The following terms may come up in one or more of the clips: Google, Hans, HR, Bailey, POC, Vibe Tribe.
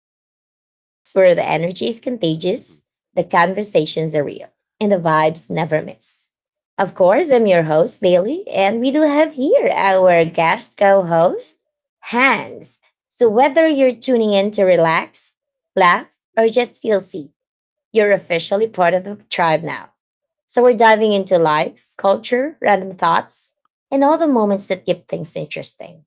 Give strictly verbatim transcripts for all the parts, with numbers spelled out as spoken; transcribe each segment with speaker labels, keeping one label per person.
Speaker 1: So, the podcast where the energy is contagious, the conversations are real, and the vibes never miss. Of course, I'm your host, Bailey, and we do have here our guest co host, Hans. So, whether you're tuning in to relax, laugh, or just feel seen, you're officially part of the tribe now. So we're diving into life, culture, random thoughts, and all the moments that keep things interesting.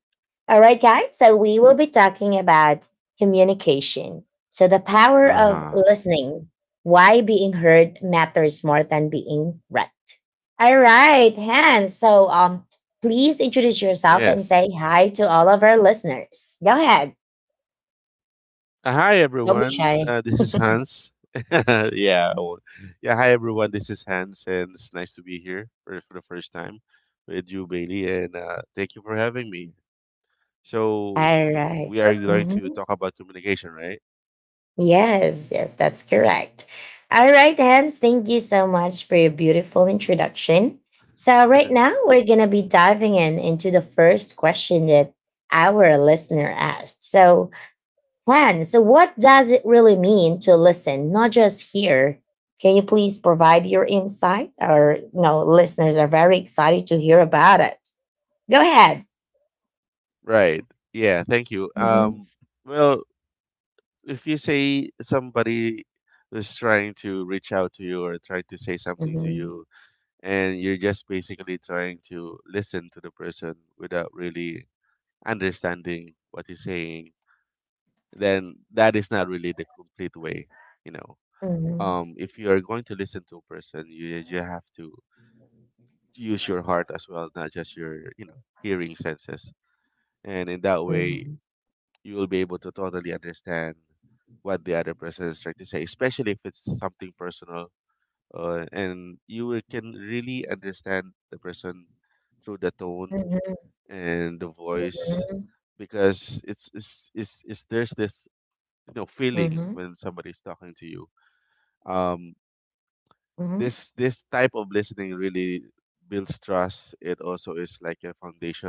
Speaker 1: All right, guys, so we will be talking about communication. So the power of
Speaker 2: Uh-huh.
Speaker 1: listening, why being heard matters more than being read. All right, Hans. So um please introduce yourself and
Speaker 2: Yes.
Speaker 1: say hi to all of our listeners. Go ahead.
Speaker 2: Uh, hi
Speaker 1: Don't be
Speaker 2: everyone.
Speaker 1: shy.
Speaker 2: Uh, this is Hans. yeah. I won't- Yeah. Hi everyone. This is Hans, and it's nice to be here for, for the first time with you, Bailey, and uh, thank you for having me. So
Speaker 1: All right.
Speaker 2: we are going to
Speaker 1: Mhm.
Speaker 2: talk about communication, right?
Speaker 1: Yes, yes, that's correct. All right, Hans, thank you so much for your beautiful introduction. So, right now, we're going to be diving in into the first question that our listener asked. So, Juan, so what does it really mean to listen, not just hear? Can you please provide your insight? Our you know, listeners are very excited to hear about it. Go ahead.
Speaker 2: Right. Yeah. Thank you.
Speaker 1: Mhm,
Speaker 2: Um. Well, if you say somebody is trying to reach out to you or trying to say something to
Speaker 1: mhm,
Speaker 2: you, and you're just basically trying to listen to the person without really understanding what he's saying, then that is not really the complete way, you know.
Speaker 1: mhm,
Speaker 2: Um, if you are going to listen to a person, you you have to use your heart as well, not just your you know hearing senses, and in that way
Speaker 1: mhm,
Speaker 2: you will be able to totally understand what the other person is trying to say, especially if it's something personal, uh, and you will- can really understand the person through the tone
Speaker 1: mhm,
Speaker 2: and the voice,
Speaker 1: mhm,
Speaker 2: because it's it's, it's, it's there's this you know feeling
Speaker 1: mhm,
Speaker 2: when somebody's talking to you um
Speaker 1: mhm.
Speaker 2: this this type of listening really builds trust. It also is like a foundation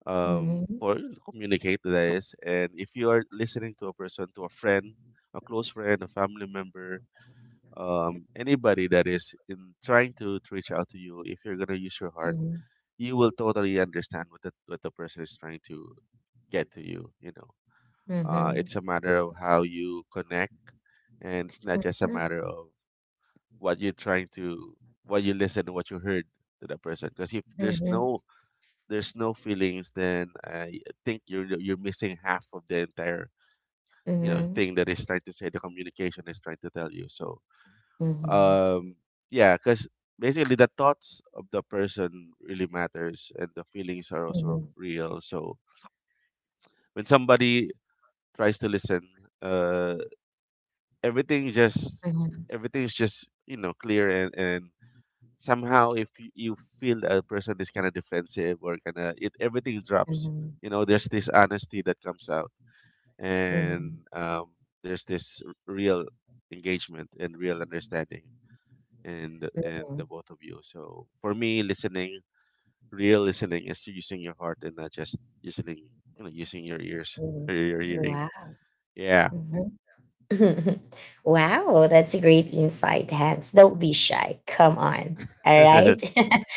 Speaker 2: um
Speaker 1: Mhm,
Speaker 2: for you to communicate. That is, and if you are listening to a person, to a friend, a close friend, a family member, um, anybody that is in trying to, reach out to you, if you're gonna use your heart,
Speaker 1: mhm,
Speaker 2: you will totally understand what the what the person is trying to get to you. You know, uh,
Speaker 1: mhm,
Speaker 2: it's a matter of how you connect, and it's not just a
Speaker 1: mhm,
Speaker 2: matter of what you're trying to, what you listen and what you heard to that person. Because if
Speaker 1: mhm,
Speaker 2: there's
Speaker 1: mhm,
Speaker 2: no there's no feelings, then I think you're you're missing half of the entire you know
Speaker 1: mhm,
Speaker 2: thing that is trying to say, the communication is trying to tell you. So
Speaker 1: mhm,
Speaker 2: um yeah, because basically the thoughts of the person really matters and the feelings are also
Speaker 1: mhm,
Speaker 2: real, so when somebody tries to listen, uh everything just
Speaker 1: mhm,
Speaker 2: everything's just you know clear, and and somehow if you, you feel that a person is kind of defensive or kind of it, everything drops.
Speaker 1: mhm,
Speaker 2: you know there's this honesty that comes out, and
Speaker 1: mhm,
Speaker 2: um there's this r- real engagement and real understanding and and the
Speaker 1: mhm.
Speaker 2: both of you. So for me, listening, real listening is using your heart and not just using you know using your ears or your hearing.
Speaker 1: Wow.
Speaker 2: Yeah.
Speaker 1: Wow, that's a great insight, Hans. Don't be shy. Come on. All right.
Speaker 2: okay.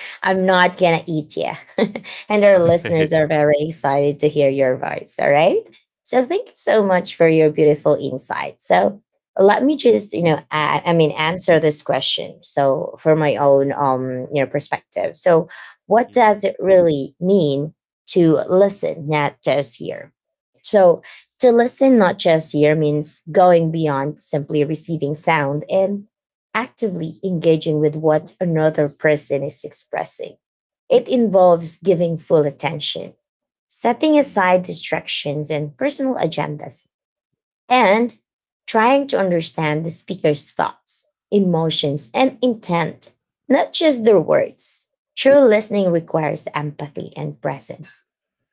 Speaker 1: I'm not going to eat you. And our listeners are very excited to hear your voice. All right. So thank you so much for your beautiful insight. So let me just, you know, a- I
Speaker 2: Mm-hmm.
Speaker 1: mean, answer this question. So for my own, um, you know, perspective. So what does
Speaker 2: Mm-hmm.
Speaker 1: it really mean to listen, not just hear? So to listen, not just hear, means going beyond simply receiving sound and actively engaging with what another person is expressing. It involves giving full attention, setting
Speaker 2: Mm-hmm.
Speaker 1: aside distractions and personal agendas, and trying to understand the speaker's thoughts, emotions, and intent, not just their words. True listening requires empathy and presence,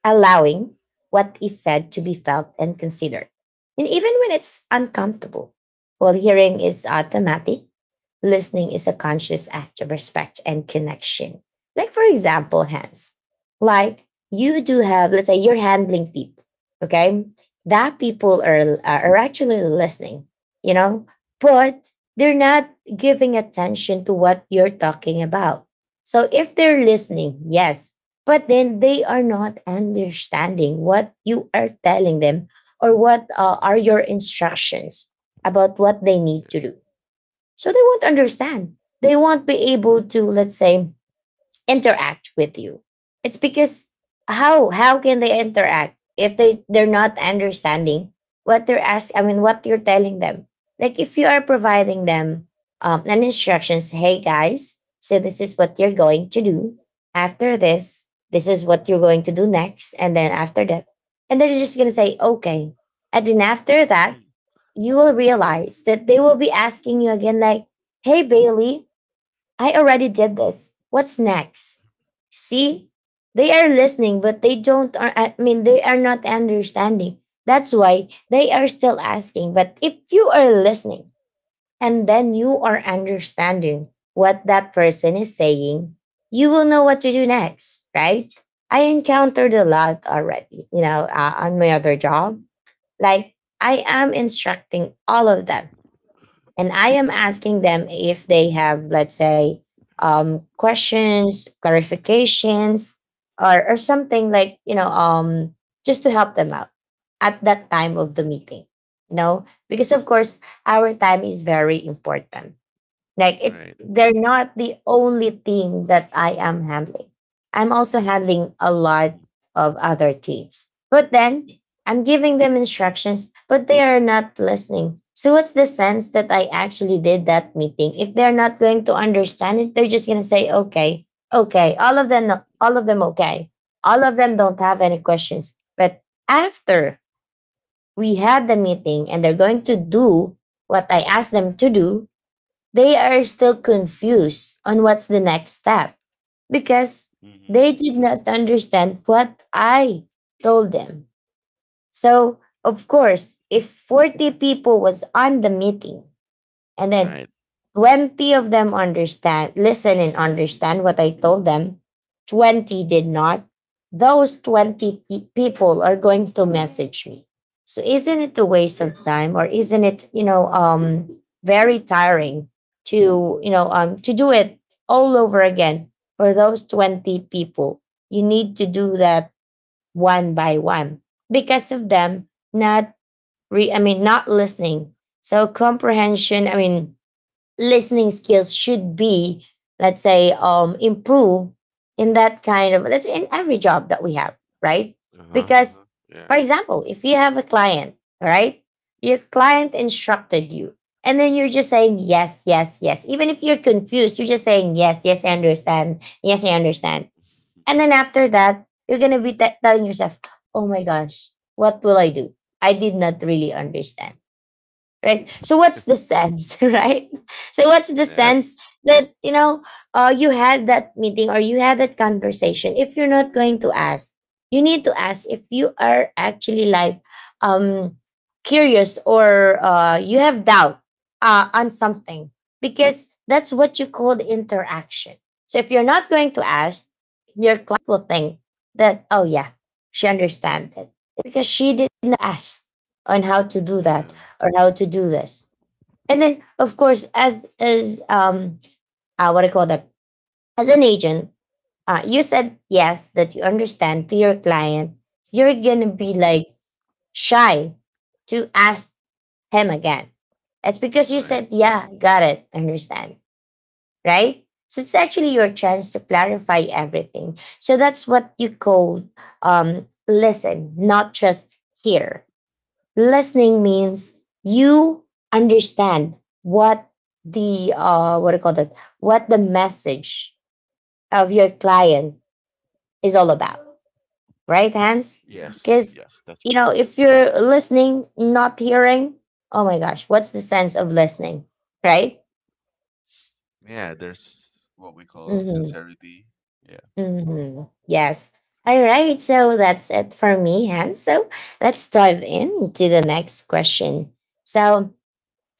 Speaker 1: allowing what is said to be felt and considered. And even when it's uncomfortable, while hearing is automatic, listening is a conscious act of respect and connection. Like, for example, hands. Like, you do have, let's say, you're handling people, okay? That people are, are actually listening, you know, but they're not giving attention to what you're talking about. So, if they're listening, yes, but then they are not understanding what you are telling them, or what uh, are
Speaker 2: Mm-hmm.
Speaker 1: your instructions about what they need
Speaker 2: Yeah.
Speaker 1: to do, so they won't understand, they won't be able to, let's say, interact with you. It's because how how can they interact if they they're not understanding what they're asking? I mean, what you're telling them. Like, if you are providing them um, an instructions, hey guys, so this is what you're going to do. After this, this is what you're going to do next, and then after that, and they're just gonna say okay, and then after that,
Speaker 2: Mhm.
Speaker 1: you will realize that they will be asking you again, like, hey Bailey, I already did this. What's next? See, they are listening, but they don't. Are, I mean, they are not understanding. That's why they are still asking. But if you are listening and then you are understanding what that person is saying, you will know what to do next, right? I encountered a lot already, you know, uh, on my other job. Like, I am instructing all of them and I am asking them if they have, let's say, um, questions, clarifications, or or something like you know, um, just to help them out at that time of the meeting. You know, because of course our time is very important, like it,
Speaker 2: Right.
Speaker 1: they're
Speaker 2: Right.
Speaker 1: not the only thing that I am handling. I'm also handling a
Speaker 2: Mm-hmm.
Speaker 1: lot of other teams, but then I'm giving them instructions but they are not listening. So what's the sense that I actually did that meeting if they're not going to understand it? They're just going to say okay. Okay, all of them. All of them, okay. All of them don't have any questions, but after we had the meeting and they're going to do what I asked them to do, they are still confused on what's the next step because
Speaker 2: Mm-hmm.
Speaker 1: they did not understand what I told them. So, of course, if forty people was on the meeting and then
Speaker 2: Right.
Speaker 1: twenty of them understand, listen and understand what I told them. twenty did not. Those twenty pe- people are going to message me. So isn't it a waste of time, or isn't it, you know, um very tiring to, you know, um to do it all over again for those twenty people? You need to do that one by one because of them not re- I mean not listening. So comprehension, I mean listening skills should be, let's say, um, improved in that kind of, let's say, in every job that we have, right?
Speaker 2: Uh huh. Uh
Speaker 1: Because,
Speaker 2: huh. Yeah.
Speaker 1: for example, if you have a client, all right, your client instructed you, and then you're just saying yes, yes, yes. Even if you're confused, you're just saying yes, yes, I understand, yes, I understand. And
Speaker 2: Mhm.
Speaker 1: then after that, you're gonna be te- telling yourself, "Oh my gosh, what will I do? I did not really understand." Right? So what's the sense, right? So what's the
Speaker 2: Yeah.
Speaker 1: sense that you know uh, you had that meeting or you had that conversation if you're not going to ask? You need to ask if you are actually like um, curious or uh, you have doubt uh, on something, because that's what you call interaction. So if you're not going to ask, your client will think that oh yeah, she understands it because she didn't ask on how to do that
Speaker 2: Yeah.
Speaker 1: or how to do this. And then, of course, as as um, uh, what I call that, as an agent, uh, you said yes that you understand to your client. You're gonna be like shy to ask him again. That's because you
Speaker 2: Right.
Speaker 1: said, "Yeah, got it, understand," right? So it's actually your chance
Speaker 2: That's
Speaker 1: to clarify everything. So that's what you call um, listen, not just hear. Listening means you understand what the uh what do you call that? What the message of your client is all about, right, Hans?
Speaker 2: yes.
Speaker 1: Because
Speaker 2: Yes. That's
Speaker 1: you know
Speaker 2: correct.
Speaker 1: if you're listening, not hearing, oh my gosh, what's the sense of listening, right?
Speaker 2: Yeah. There's what we call
Speaker 1: Mm-hmm.
Speaker 2: sincerity. Yeah.
Speaker 1: Mm-hmm. Yes. All right. So that's it for me, Hans. So let's dive into the next question. So,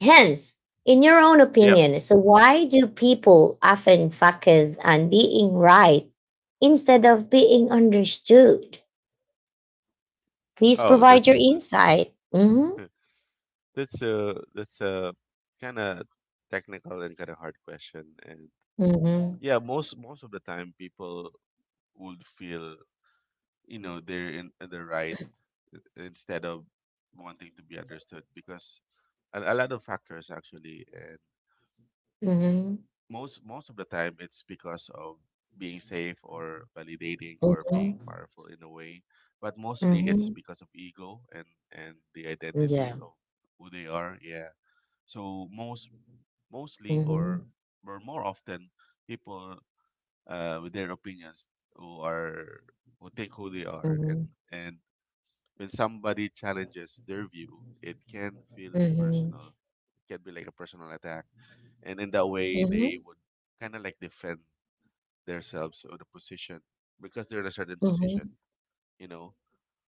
Speaker 1: Hence, in your own
Speaker 2: Yeah.
Speaker 1: opinion, so why do people often focus on being right instead of being understood? Please
Speaker 2: Oh,
Speaker 1: provide your
Speaker 2: that's that's
Speaker 1: insight. Mm-hmm.
Speaker 2: that's a that's a kind of technical and kind of hard question. And
Speaker 1: Mm-hmm.
Speaker 2: yeah, most most of the time people would feel, you know they're in, in the right instead of wanting to be understood, because a, a lot of factors actually, and most most of the time it's because of being safe or validating or
Speaker 1: Mm-hmm.
Speaker 2: being
Speaker 1: Mm-hmm.
Speaker 2: powerful in a way, but mostly it's
Speaker 1: Mm-hmm.
Speaker 2: because of ego and and the identity
Speaker 1: Yeah.
Speaker 2: of who they are. Yeah. So most mostly or
Speaker 1: Mm-hmm.
Speaker 2: or more often, people, uh, with their opinions, who are who think who they are, and
Speaker 1: Mm-hmm.
Speaker 2: and when somebody challenges their view it can feel
Speaker 1: Mm-hmm.
Speaker 2: personal. It can be like a personal attack. And in that way
Speaker 1: Mm-hmm.
Speaker 2: they would kinda like defend themselves or the position, because they're in a certain position,
Speaker 1: Mm-hmm.
Speaker 2: you know.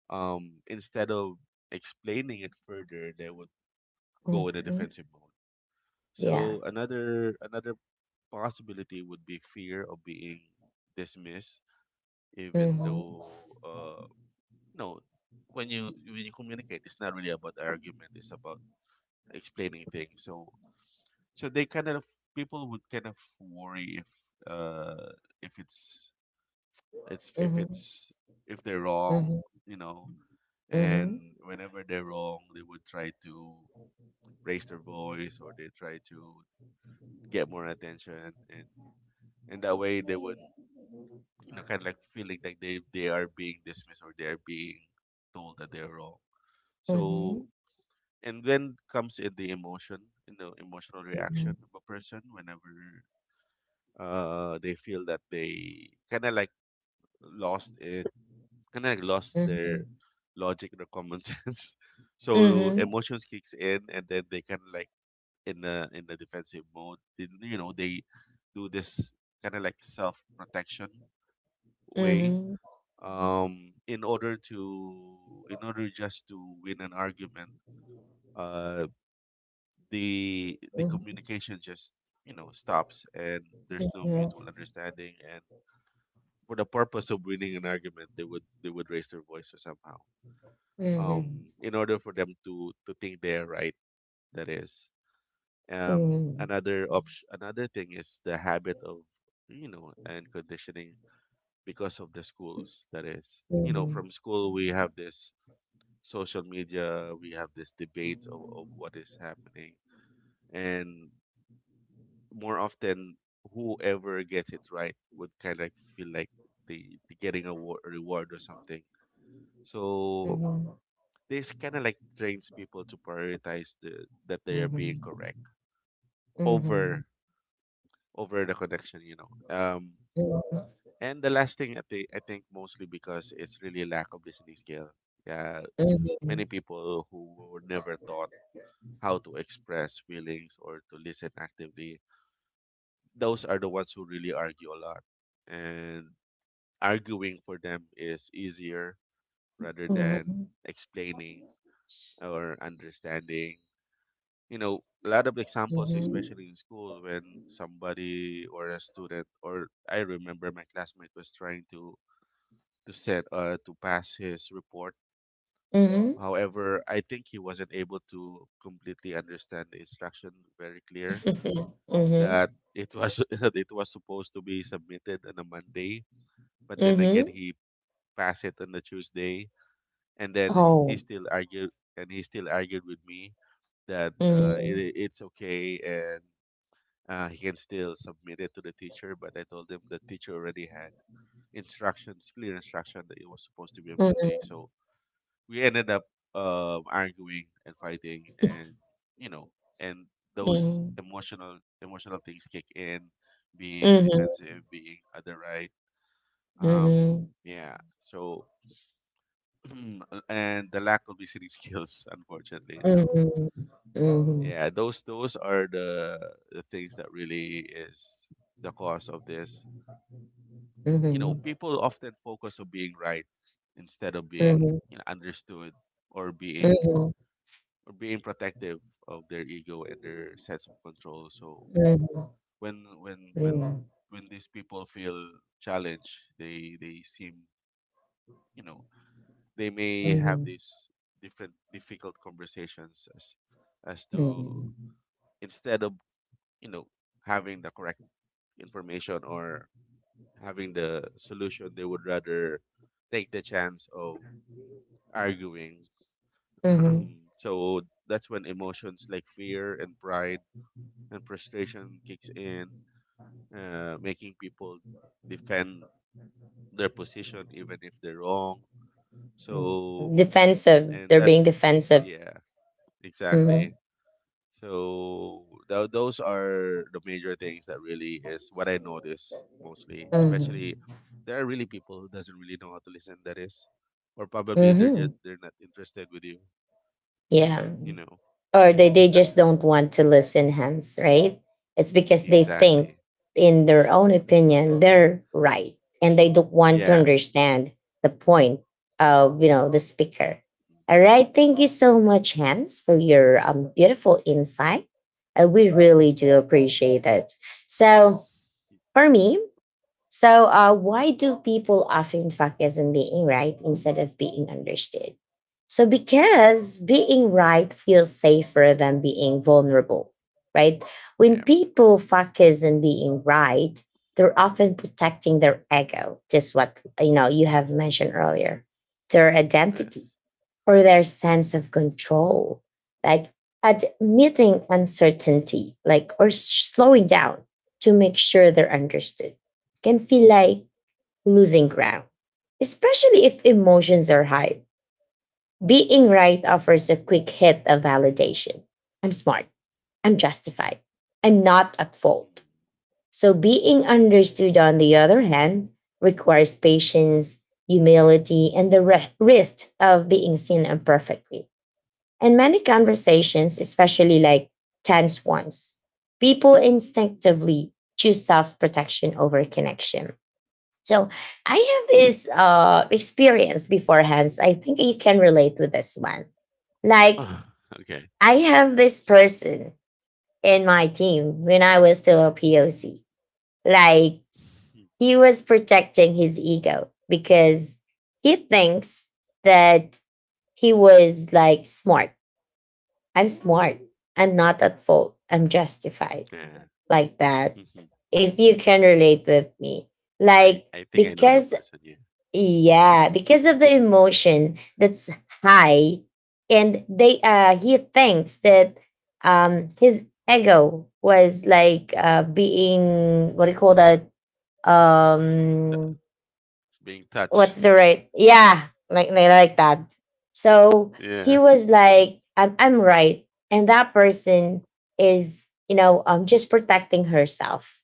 Speaker 2: Um instead of explaining it further they would go in a
Speaker 1: Mm-hmm.
Speaker 2: defensive mode.
Speaker 1: Yeah.
Speaker 2: So another another possibility would be fear of being dismissed, even
Speaker 1: Mm-hmm.
Speaker 2: though uh no, when you when you communicate, it's not really about argument; it's about explaining things. So so they kind of people would kind of worry, if uh if it's it's if
Speaker 1: Mm-hmm.
Speaker 2: it's if they're wrong, you know,
Speaker 1: Mm-hmm.
Speaker 2: and whenever they're wrong, they would try to raise their voice or they try to get more attention, and in that way they would, you know kind of like feeling like they they are being dismissed or they are being told that they're wrong. So,
Speaker 1: Mm-hmm.
Speaker 2: and then comes in the emotion, you know emotional
Speaker 1: Mm-hmm.
Speaker 2: reaction of a person, whenever uh they feel that they kind of like lost it, kind of like lost
Speaker 1: Mm-hmm. Mm-hmm.
Speaker 2: their logic or common sense. So
Speaker 1: Mm-hmm.
Speaker 2: emotions kicks in, and then they kind of like, in the in the defensive mode they, you know they do this kind of like self protection
Speaker 1: Mm-hmm.
Speaker 2: way,
Speaker 1: Mm-hmm.
Speaker 2: um, in order to in order just to win an argument. uh, the the communication just you know stops and there's no
Speaker 1: Mm-hmm.
Speaker 2: mutual understanding, and for the purpose of winning an argument they would they would raise their voice, or somehow,
Speaker 1: Mm-hmm.
Speaker 2: um, in order for them to to think they're right. That is, um,
Speaker 1: Mhm.
Speaker 2: another option another thing is the habit of, you know and conditioning, because of the schools, that is, you know
Speaker 1: Mhm.
Speaker 2: from school we have this social media, we have this debate of, of what is happening. And more often, whoever gets it right would kind of like feel like they, they getting a wa- reward or something. So
Speaker 1: Mhm.
Speaker 2: this kind of like trains people to prioritize the, that they are being correct
Speaker 1: Mhm. Mhm.
Speaker 2: over over the connection, you know. Um, and the last thing, I think I think mostly because it's really lack of listening skill. Yeah,
Speaker 1: Mhm.
Speaker 2: many people who were never taught how to express feelings or to listen actively, those are the ones who really argue a lot. And arguing for them is easier rather than
Speaker 1: Mhm.
Speaker 2: explaining or understanding. You know, a lot of examples,
Speaker 1: Mhm.
Speaker 2: especially in school, when somebody or a student, or I remember my classmate was trying to to set uh, to pass his report.
Speaker 1: Mhm.
Speaker 2: However, I think he wasn't able to completely understand the instruction very clear,
Speaker 1: Mhm. Mhm.
Speaker 2: that it was that it was supposed to be submitted on a Monday, but then again
Speaker 1: Mhm.
Speaker 2: he passed it on the Tuesday, and then he
Speaker 1: Oh.
Speaker 2: still argued and he still argued with me that, uh,
Speaker 1: Mhm.
Speaker 2: it, it's okay, and uh, he can still submit it to the teacher. But I told him the teacher already had instructions, clear instruction that it was supposed to be on Monday, so we ended up, um, arguing and fighting, and you know, and those
Speaker 1: Mhm.
Speaker 2: emotional emotional things kick in, being
Speaker 1: Mhm.
Speaker 2: defensive, being other right. Um,
Speaker 1: Mhm.
Speaker 2: yeah. So uh, and the lack of listening skills, unfortunately. So
Speaker 1: Mhm. Mhm.
Speaker 2: yeah, those those are the the things that really is the cause of this. You know,
Speaker 1: Mhm.
Speaker 2: people often focus on being right instead of being,
Speaker 1: Mhm.
Speaker 2: you know understood, or being
Speaker 1: Mhm.
Speaker 2: or being protective of their ego and their sense of control. So
Speaker 1: Mhm.
Speaker 2: when when
Speaker 1: Mhm.
Speaker 2: when
Speaker 1: Mhm.
Speaker 2: when these people feel challenged, they they seem, you know they may have
Speaker 1: Mhm.
Speaker 2: these different difficult conversations as as to,
Speaker 1: Mhm.
Speaker 2: instead of, you know having the correct information or having the solution, they would rather take the chance of arguing.
Speaker 1: Mhm.
Speaker 2: So that's when emotions like fear and pride and frustration kicks in, uh, making people defend their position even if they're wrong.
Speaker 1: Mhm.
Speaker 2: So,
Speaker 1: Defensive.
Speaker 2: and
Speaker 1: They're being
Speaker 2: that's,
Speaker 1: defensive.
Speaker 2: yeah,
Speaker 1: Mhm.
Speaker 2: exactly. So, th- those are the major things that really is what I notice mostly,
Speaker 1: Mhm.
Speaker 2: especially there are really people who doesn't really know how to listen, that is, or probably they're
Speaker 1: Mhm.
Speaker 2: just they're not interested with you.
Speaker 1: Yeah.
Speaker 2: you know
Speaker 1: Or they, they just don't want to listen, Hans, right? It's because they think,
Speaker 2: exactly,
Speaker 1: in their own opinion,
Speaker 2: exactly,
Speaker 1: they're right. And they don't want to
Speaker 2: yeah,
Speaker 1: understand the point of, you know, the speaker. All right. Thank you so much, Hans, for your um, beautiful insight. Uh, we really do appreciate it. So for me, so, uh, why do people often focus on being right instead of being understood? So, because being right feels safer than being vulnerable, right? When
Speaker 2: yeah,
Speaker 1: people focus on being right, they're often protecting their ego, just what you know you have mentioned earlier, their identity
Speaker 2: yes.
Speaker 1: or their sense of control. Like admitting uncertainty, like or s- slowing down to make sure they're understood can feel like losing ground, especially if emotions are high. Being right offers a quick hit of validation. I'm smart. I'm justified. I'm not at fault.
Speaker 2: Mm.
Speaker 1: So, being understood, on the other hand, requires patience, humility, and the re- risk of being seen imperfectly, and many conversations, especially like tense ones, people instinctively choose self protection over connection. So I have this uh, experience beforehand. I think you can relate with this one. Like,
Speaker 2: Oh, okay.
Speaker 1: I have this person in my team when I was still a P O C. Like,
Speaker 2: Hmm.
Speaker 1: he was protecting his ego because he thinks that he was like smart. I'm smart. I'm not at fault. I'm justified.
Speaker 2: Yeah.
Speaker 1: Like that.
Speaker 2: Mhm.
Speaker 1: If you can relate with me.
Speaker 2: I
Speaker 1: Like,
Speaker 2: I think I know that
Speaker 1: because,
Speaker 2: person. Yeah.
Speaker 1: yeah, because of the emotion that's high, and they, uh, he thinks that um, his ego was like uh, being, what do you call that? Um,
Speaker 2: Be in touch.
Speaker 1: what's the right, yeah, like like like that. So
Speaker 2: Yeah.
Speaker 1: he was like i'm, I'm right, and that person is you know um just protecting herself,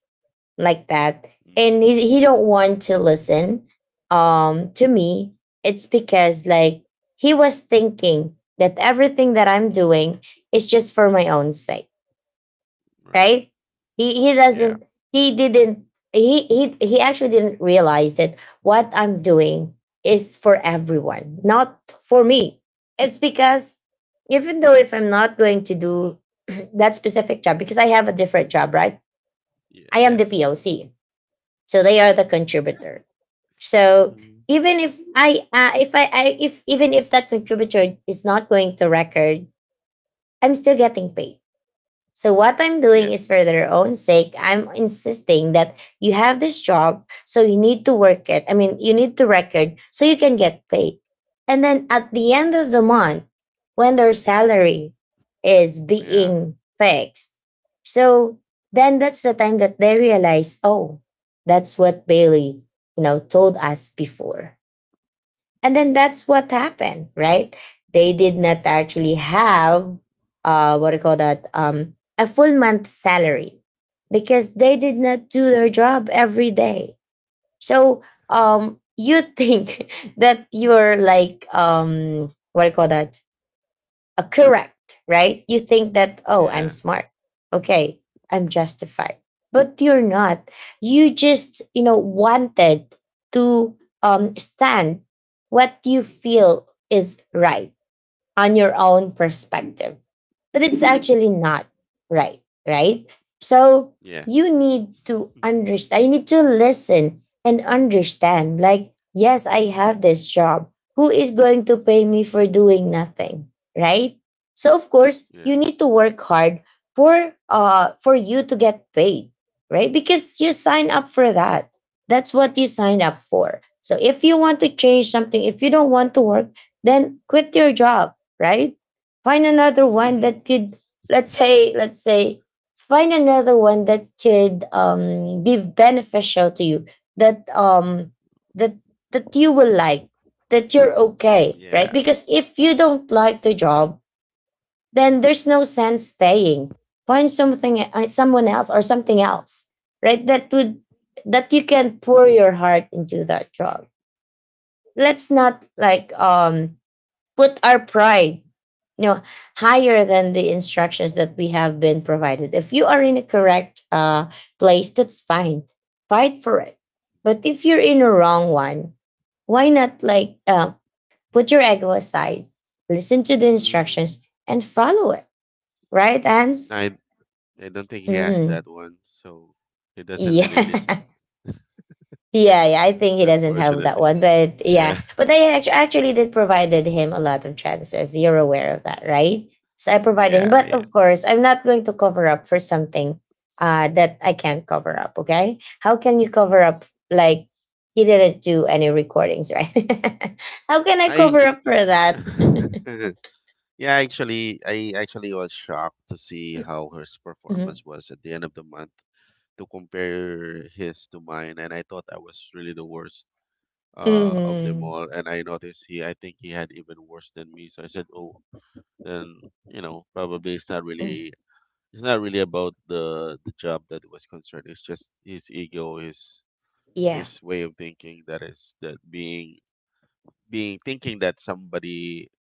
Speaker 1: like that.
Speaker 2: Mm,
Speaker 1: And he, he don't want to listen um to me. It's because, like, he was thinking that everything that I'm doing is just for my own sake,
Speaker 2: right.
Speaker 1: right? He he
Speaker 2: Yeah.
Speaker 1: doesn't he didn't he he he actually didn't realize that what I'm doing is for everyone, not for me. It's because even though if I'm not going to do that specific job because I have a different job, right?
Speaker 2: Yeah.
Speaker 1: I am the
Speaker 2: Yes.
Speaker 1: P O C, so they are the contributor. So
Speaker 2: Mm.
Speaker 1: even if I uh, if I, I if even if that contributor is not going to record, I'm still getting paid, so what I'm doing is
Speaker 2: Yes.
Speaker 1: for their own sake. I'm insisting that you have this job, so you need to work it. I mean, you need to record so you can get paid. And then at the end of the month, when their salary is
Speaker 2: Yeah.
Speaker 1: being fixed, so then that's the time that they realize, oh, that's what Bailey, you know, told us before. And then that's what happened,
Speaker 2: Mm,
Speaker 1: right? They did not actually have uh what do you call that? Um a full month salary, because they did not do their job every day. So um you think that you're like um what do you call that, uh, correct, right? You think that, oh, I'm
Speaker 2: yeah.
Speaker 1: smart. Okay, I'm justified. But you're not. You just, you know, wanted to um, stand what you feel is right on your own perspective. But it's actually not right, right? So
Speaker 2: Yes.
Speaker 1: you need to
Speaker 2: Mm,
Speaker 1: understand, you need to listen and understand, like, yes, I have this job. Who is going to pay me for doing nothing, right? So of course, you need
Speaker 2: yes.
Speaker 1: to work hard for uh for you to get paid, right? Because you sign up for that. That's what you sign up for. So if you want to change something, if you don't want to work, then quit your job, right? Find another one that could, let's say, let's say, find another one that could um, be beneficial to you. That um, that that you will like, that you're okay, right?
Speaker 2: yeah.
Speaker 1: Because if you don't like the job, then there's no sense staying. Find something, uh, someone else, or something else, right? That would that you can pour your heart into that job. Let's not like
Speaker 2: That's it.
Speaker 1: um put our pride, you know higher than the instructions that we have been provided. If you are in a correct uh, place, that's fine, fight for it. But if you're in a wrong one, why not like, uh, put your ego aside, listen to the
Speaker 2: Mm.
Speaker 1: instructions and follow it, right? ans
Speaker 2: I I don't think he has
Speaker 1: Mm-hmm.
Speaker 2: that one, so he doesn't really listen.
Speaker 1: Yeah. Yeah, yeah, I think he doesn't have that
Speaker 2: Unfortunately.
Speaker 1: one, but yeah,
Speaker 2: Yeah.
Speaker 1: but I act- actually did provided him a lot of chances. You're aware of that, right? So I provided him,
Speaker 2: Yeah.
Speaker 1: but
Speaker 2: Yeah.
Speaker 1: of course, I'm not going to cover up for something, uh, that I can't cover up. Okay, how can you cover
Speaker 2: Hmm.
Speaker 1: up? Like, he didn't do any recordings, right? How can I
Speaker 2: I
Speaker 1: cover up for that?
Speaker 2: yeah, actually, I actually was shocked to see how his
Speaker 1: Hmm.
Speaker 2: performance was at the end of the month, to compare his to mine, and I thought I was really the worst uh of them
Speaker 1: Hmm.
Speaker 2: all. And I noticed he, I think he had even worse than me. So I said, oh, then, you know, probably it's not really, it's not really about the the job that was concerned. It's just his ego, his
Speaker 1: Yeah.
Speaker 2: his way of thinking, that is, that being being thinking that somebody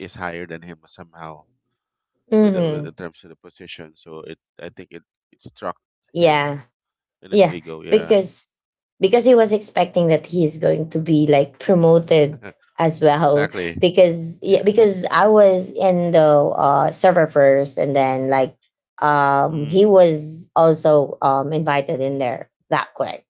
Speaker 2: is higher than him somehow, with, the- with,
Speaker 1: Hmm.
Speaker 2: in terms of the position. So it I think it, it struck him
Speaker 1: Yeah.
Speaker 2: in his
Speaker 1: Yeah,
Speaker 2: ego. Yeah,
Speaker 1: because because he was expecting that he's going to be like promoted as well.
Speaker 2: exactly.
Speaker 1: Because yeah,
Speaker 2: Yeah.
Speaker 1: because I was in the, uh, server first, and then like um he
Speaker 2: Mm,
Speaker 1: was also um invited in there that quick.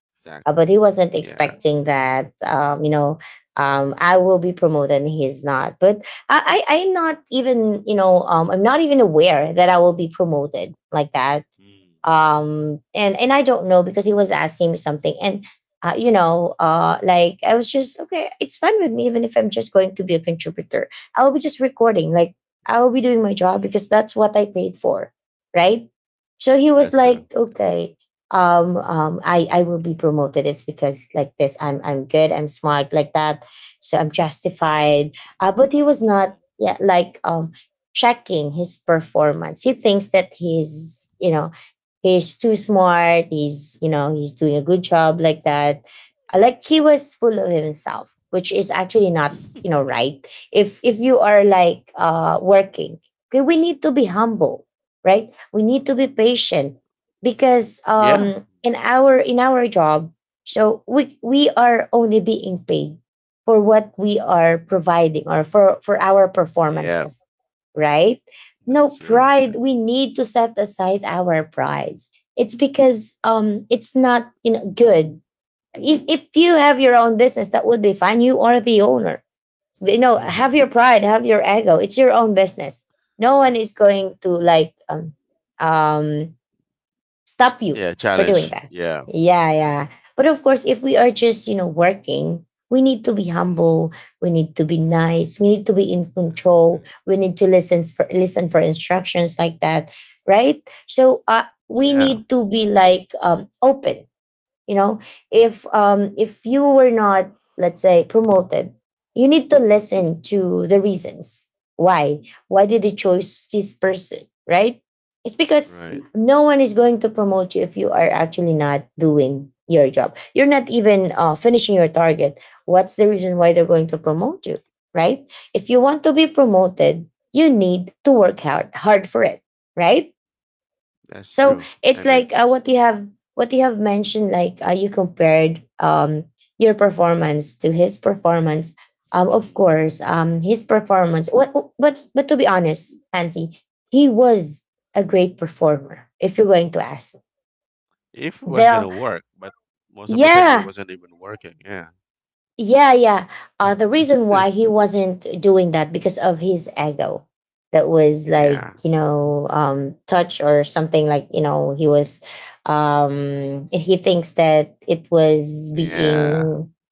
Speaker 1: Uh,
Speaker 2: exactly.
Speaker 1: but he wasn't
Speaker 2: Yeah.
Speaker 1: expecting that, um you know, um I will be promoted and he's not. But I, I I'm not even, you know um I'm not even aware that I will be promoted like that,
Speaker 2: Mm,
Speaker 1: um and and I don't know, because he was asking me something, and uh, you know, uh like I was just okay, it's fine with me even if I'm just going to be a contributor. I'll be just recording, like, I'll be doing my job because
Speaker 2: mm,
Speaker 1: that's what I paid for, right? So he was
Speaker 2: that's true.
Speaker 1: like, okay, um um i i will be promoted. It's because like this, i'm I'm good, I'm smart, like that, so I'm justified. Uh, but he was not,
Speaker 2: mm.
Speaker 1: yeah, like um checking his performance. He thinks that he's, you know he's too smart, he's, you know he's doing a good job like that. Uh, like, he was full of himself, which is actually not, you know right. If if you are like uh working, okay, we need to be humble, right? We need to be patient, because
Speaker 2: Yeah.
Speaker 1: um in our in our job, so we we are only being paid for what we are providing, or for for our
Speaker 2: Yeah.
Speaker 1: performances, right? No
Speaker 2: That's true.
Speaker 1: pride, we need to set aside our prides. It's because um it's not, you know good. If, if you have your own business, that would be fine, you are the owner, you know
Speaker 2: Yeah.
Speaker 1: have your pride, have your ego, it's your own business. No one is going to like um um stop you
Speaker 2: yeah.
Speaker 1: for doing
Speaker 2: Challenge.
Speaker 1: that.
Speaker 2: Yeah.
Speaker 1: Yeah, yeah.
Speaker 2: Mm.
Speaker 1: But of course, if we are just, you know, working, we need to be humble, we need to be nice, we need to be in control, we need to listen for listen for instructions like that, right? So, uh, we
Speaker 2: yeah.
Speaker 1: need to be like um open, you know if um if you were not, let's say, promoted, you need to listen to the reasons why. Why did you choose this person, right? It's because
Speaker 2: Right.
Speaker 1: no one is going to promote you if you are actually not doing your job, you're not even, uh, finishing your target. What's the reason why they're going to promote you, right? If you want to be promoted, you need to work hard hard for it, right?
Speaker 2: That's
Speaker 1: So
Speaker 2: true. I
Speaker 1: it's
Speaker 2: mean,
Speaker 1: like, uh, what you have, what you have mentioned, like, uh, you compared, um, your performance to his performance. Um, of course, um, his performance. What, but but to be honest, Nancy, he was a great performer. If you're going to ask,
Speaker 2: if it was
Speaker 1: the
Speaker 2: gonna work, but most of the time it
Speaker 1: yeah.
Speaker 2: wasn't even working. Yeah.
Speaker 1: Yeah, yeah. Uh, the reason why he wasn't doing that, because of his ego, that was like,
Speaker 2: yeah.
Speaker 1: you know, um, touch or something, like, you know, he was, um, he thinks that it was being,
Speaker 2: Yeah.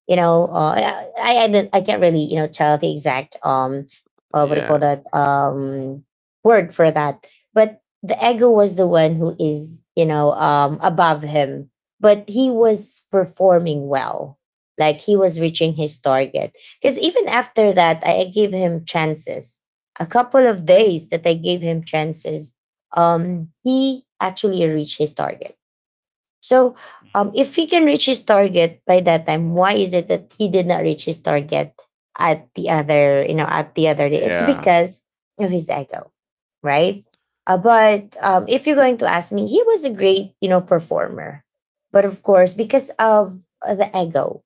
Speaker 1: you know, uh, I, I, I don't- I can't really, you know, tell the exact, um, uh, what do you call
Speaker 2: Yeah.
Speaker 1: that, um, word for that. But the ego was the one who is, you know, um, above him, but he was performing well, like he was reaching his target. Because even after that, i I gave him chances, a couple of days that I gave him chances, um he actually reached his target. So, um if he can reach his target by that time, why is it that he did not reach his target at the other, you know at the other day? It's
Speaker 2: Yeah.
Speaker 1: because of his ego, right? Uh, but um, if you're going to ask me, he was a great, you know, performer. But of course, because of, uh, the ego,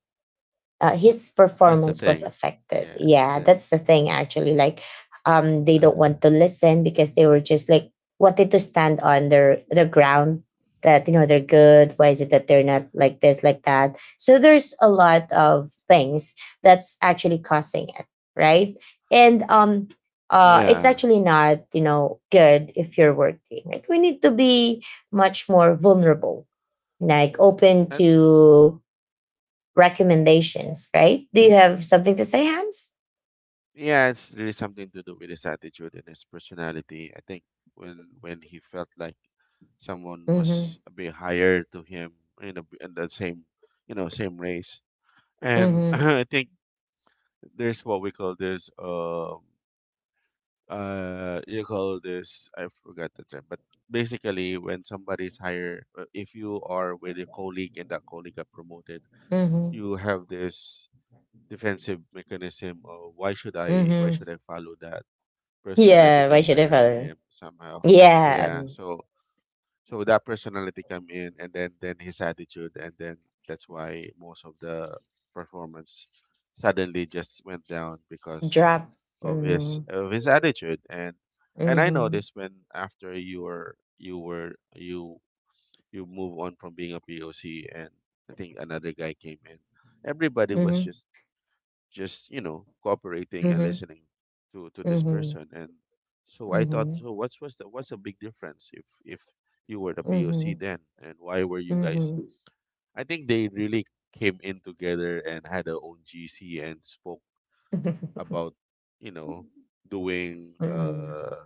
Speaker 1: uh, his
Speaker 2: That's the
Speaker 1: performance was
Speaker 2: thing.
Speaker 1: affected.
Speaker 2: Yeah.
Speaker 1: Yeah,
Speaker 2: This.
Speaker 1: that's the thing actually. Like, um, they don't want to listen, because they were just like wanted to stand on their their ground, that, you know they're good. Why is it that they're not like this, like that? So there's a lot of things that's actually causing it, right? And um, uh, it's
Speaker 2: yeah.
Speaker 1: actually not, you know good if you're working. Like, we need to be much more vulnerable, like open
Speaker 2: And
Speaker 1: to recommendations, right? Do you have something to say, Hans?
Speaker 2: yeah, it's really something to do with his attitude and his personality. I think when when he felt like someone
Speaker 1: Mm-hmm.
Speaker 2: was a bit higher to him in a, in the same you know same race, and
Speaker 1: Mm-hmm.
Speaker 2: I think there's what we call this um uh you call this I forgot the term, but basically when somebody's higher, uh, if you are with a colleague and that colleague got promoted
Speaker 1: Mm-hmm.
Speaker 2: you have this defensive mechanism of why should I why
Speaker 1: Mm-hmm.
Speaker 2: should I follow that person? I
Speaker 1: Yeah,
Speaker 2: think
Speaker 1: why
Speaker 2: I'm
Speaker 1: should I
Speaker 2: better than
Speaker 1: follow?
Speaker 2: him somehow.
Speaker 1: Yeah.
Speaker 2: Yeah.
Speaker 1: Um.
Speaker 2: So so that personality come in and then then his attitude, and then that's why most of the performance suddenly just went down because
Speaker 1: Drop.
Speaker 2: of his
Speaker 1: Mm-hmm.
Speaker 2: of his attitude. And and I
Speaker 1: Mm-hmm.
Speaker 2: noticed when after you were you were you you move on from being a P O C, and I think another guy came in, everybody was
Speaker 1: Mm-hmm.
Speaker 2: just just you know cooperating and
Speaker 1: Mm-hmm.
Speaker 2: listening to to this
Speaker 1: Mm-hmm.
Speaker 2: person. And so I thought,
Speaker 1: Mm-hmm.
Speaker 2: so what's what's the what's the big difference? If if you were the POC then, and why were you
Speaker 1: Mm-hmm.
Speaker 2: guys?
Speaker 1: Mm-hmm.
Speaker 2: I think they really came in together and had their own G C and spoke about, you know doing
Speaker 1: Mm-hmm.
Speaker 2: uh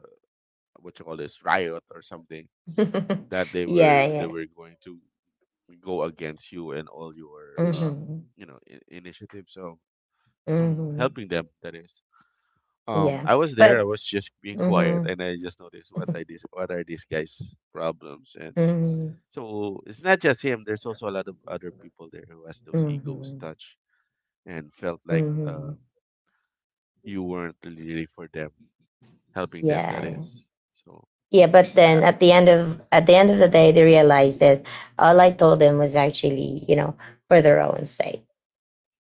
Speaker 2: what you call this, riot or something, that they were
Speaker 1: Yeah,
Speaker 2: they
Speaker 1: yeah.
Speaker 2: were going to go against you and all your um
Speaker 1: Mm-hmm.
Speaker 2: you know I- initiatives. So
Speaker 1: Mm-hmm.
Speaker 2: helping them. That is, Um,
Speaker 1: Yeah.
Speaker 2: I was there.
Speaker 1: But
Speaker 2: I was just being quiet,
Speaker 1: mm-hmm.
Speaker 2: and I just noticed what I this what are these guys' problems? And
Speaker 1: Mm-hmm.
Speaker 2: so it's not just him. There's also a lot of other people there who has those egos
Speaker 1: Mm-hmm.
Speaker 2: touch and felt like
Speaker 1: Mm-hmm.
Speaker 2: uh, you weren't really for them, helping them.
Speaker 1: Yeah.
Speaker 2: That
Speaker 1: Yeah.
Speaker 2: is, so
Speaker 1: Yeah, but then
Speaker 2: yeah.
Speaker 1: at the end of at the end of the day, they realized that all I told them was actually, you know, for their own sake,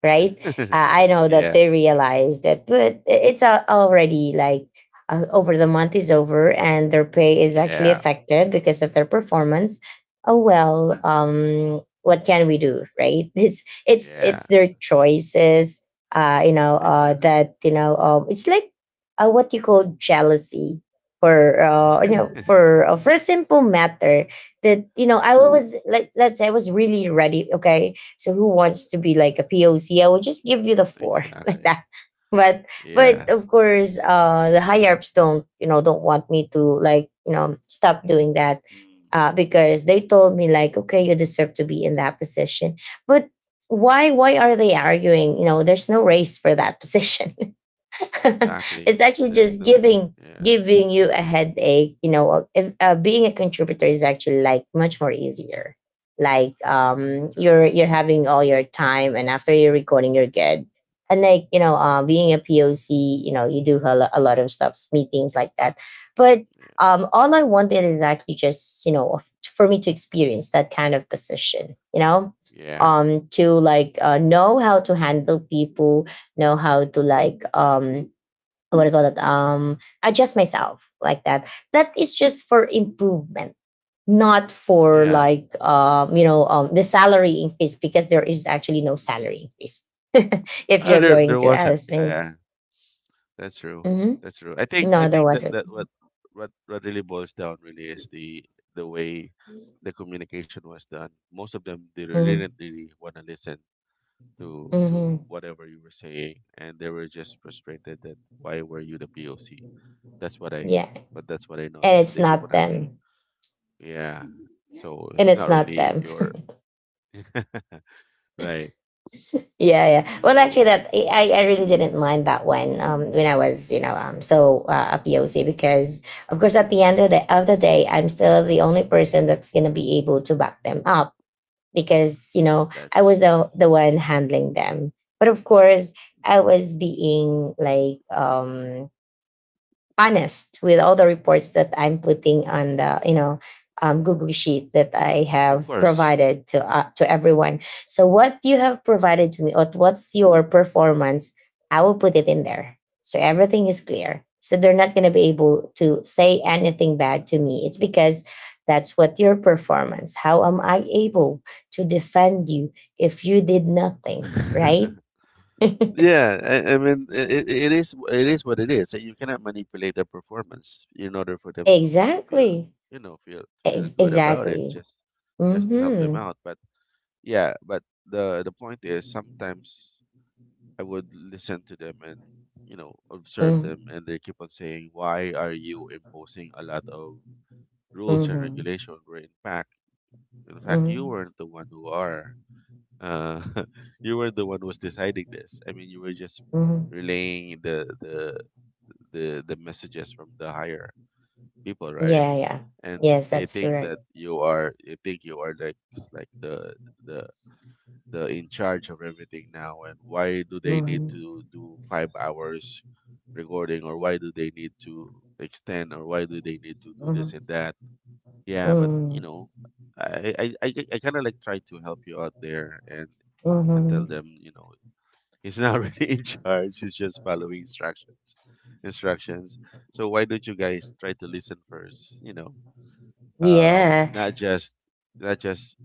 Speaker 1: right? Uh, I
Speaker 2: The-
Speaker 1: know that
Speaker 2: yeah,
Speaker 1: they realized that, but i- it's, uh, already like, uh, over, the month is over, and their pay is actually
Speaker 2: yeah.
Speaker 1: affected because of their performance. Oh well,
Speaker 2: Mm.
Speaker 1: um, what can we do, right? It's it's
Speaker 2: Yeah,
Speaker 1: it's their choices. Uh, you know, uh,
Speaker 2: exactly.
Speaker 1: that you know, um, it's like, uh, what you call jealousy, for uh, you know, for uh, for a simple matter, that, you know I was like, let's say I was really ready. Okay, so who wants to be like a P O C? I will just give you the floor like
Speaker 2: Exactly,
Speaker 1: that. But but
Speaker 2: yeah.
Speaker 1: of course, uh, the higher ups don't, you know don't want me to like, you know stop doing that,
Speaker 2: Mm,
Speaker 1: uh, because they told me like, okay, you deserve to be in that position. But why why are they arguing? You know, there's no race for that position. It's
Speaker 2: exactly.
Speaker 1: actually
Speaker 2: There's
Speaker 1: just
Speaker 2: no,
Speaker 1: giving
Speaker 2: yeah.
Speaker 1: giving you a headache you know if uh, being a contributor is actually like much more easier, like um
Speaker 2: True,
Speaker 1: you're you're having all your time, and after you're recording you're good. And like you know uh, being a POC, you know you do a, lo- a lot of stuff, meetings like that. But
Speaker 2: yeah,
Speaker 1: um all I wanted is actually just you know f- for me to experience that kind of position, you know
Speaker 2: yeah,
Speaker 1: um to like uh, know how to handle people, know how to, like, um what do you call that, um adjust myself like that. That is just for improvement, not for,
Speaker 2: yeah.
Speaker 1: like, um you know um the salary increase, because there is actually no
Speaker 2: Mhm.
Speaker 1: salary increase. If
Speaker 2: Uh,
Speaker 1: you're
Speaker 2: there
Speaker 1: going
Speaker 2: there
Speaker 1: to
Speaker 2: wasn't.
Speaker 1: ask me.
Speaker 2: Yeah, that's true.
Speaker 1: Hmm.
Speaker 2: That's true. I think I
Speaker 1: No, there
Speaker 2: think that,
Speaker 1: wasn't.
Speaker 2: that what what what really boils down really is the the way the communication was done. Most of them, they really didn't
Speaker 1: Hmm.
Speaker 2: really want to listen to to
Speaker 1: Hmm.
Speaker 2: whatever you were saying, and they were just frustrated that why were you the P O C? That's what I,
Speaker 1: Yeah.
Speaker 2: but that's what I
Speaker 1: And
Speaker 2: noticed. They
Speaker 1: it's
Speaker 2: keep on
Speaker 1: not
Speaker 2: asking.
Speaker 1: them.
Speaker 2: Yeah. So it's
Speaker 1: And
Speaker 2: not
Speaker 1: it's not
Speaker 2: really
Speaker 1: them.
Speaker 2: your right.
Speaker 1: Yeah, yeah. Well,
Speaker 2: So
Speaker 1: actually, that I, I really didn't mind that one, um, when I was, you know, um, so uh, a P O C, because of course, at the end of the of the day, I'm still the only person that's gonna be able to back them up, because you know I
Speaker 2: that's
Speaker 1: was the the one handling them. But of course, I was being, like, um honest with all the reports that I'm putting on the, you know um, Google sheet that I
Speaker 2: of
Speaker 1: have
Speaker 2: course.
Speaker 1: provided to uh, to everyone. So what you have provided to me, or what's your performance, I will put it in there. So everything is clear. So they're not going to be able to say anything bad to me. It's because that's what your performance. How am I able to defend you if you did nothing? Right?
Speaker 2: Yeah, I, I mean, it, it is it is what it is. And you cannot manipulate their performance in order for them to to feel
Speaker 1: Exactly.
Speaker 2: you know feel feel
Speaker 1: Ex-
Speaker 2: good about it.
Speaker 1: exactly.
Speaker 2: Just just to help them
Speaker 1: Mm-hmm.
Speaker 2: out. But yeah, but the the point is sometimes I would listen to them and you know observe them,
Speaker 1: Mm.
Speaker 2: and they keep on saying, "Why are you imposing a lot of rules and
Speaker 1: Mhm.
Speaker 2: regulation? Where in fact, in fact, you
Speaker 1: Mhm.
Speaker 2: weren't the one who are." uh, you were the one who was deciding this. I mean, you were just
Speaker 1: Mhm.
Speaker 2: relaying the the the the messages from the higher people, right?
Speaker 1: Yeah, yeah.
Speaker 2: And
Speaker 1: Yes,
Speaker 2: they
Speaker 1: that's
Speaker 2: think
Speaker 1: correct.
Speaker 2: that you are, they think you are like like the the the in charge of everything now. And why do they need
Speaker 1: Mhm.
Speaker 2: to do five hours recording, or why do they need to extend, or why do they need to do this and that?
Speaker 1: Mhm.
Speaker 2: Yeah, but you
Speaker 1: Mhm.
Speaker 2: know, I I I, I kind of like try to help you out there, and and tell
Speaker 1: Mhm.
Speaker 2: them, you know, he's not really in charge. He's just following instructions. Instructions. So why don't you guys try to listen first? You know, um,
Speaker 1: Yeah.
Speaker 2: not just not just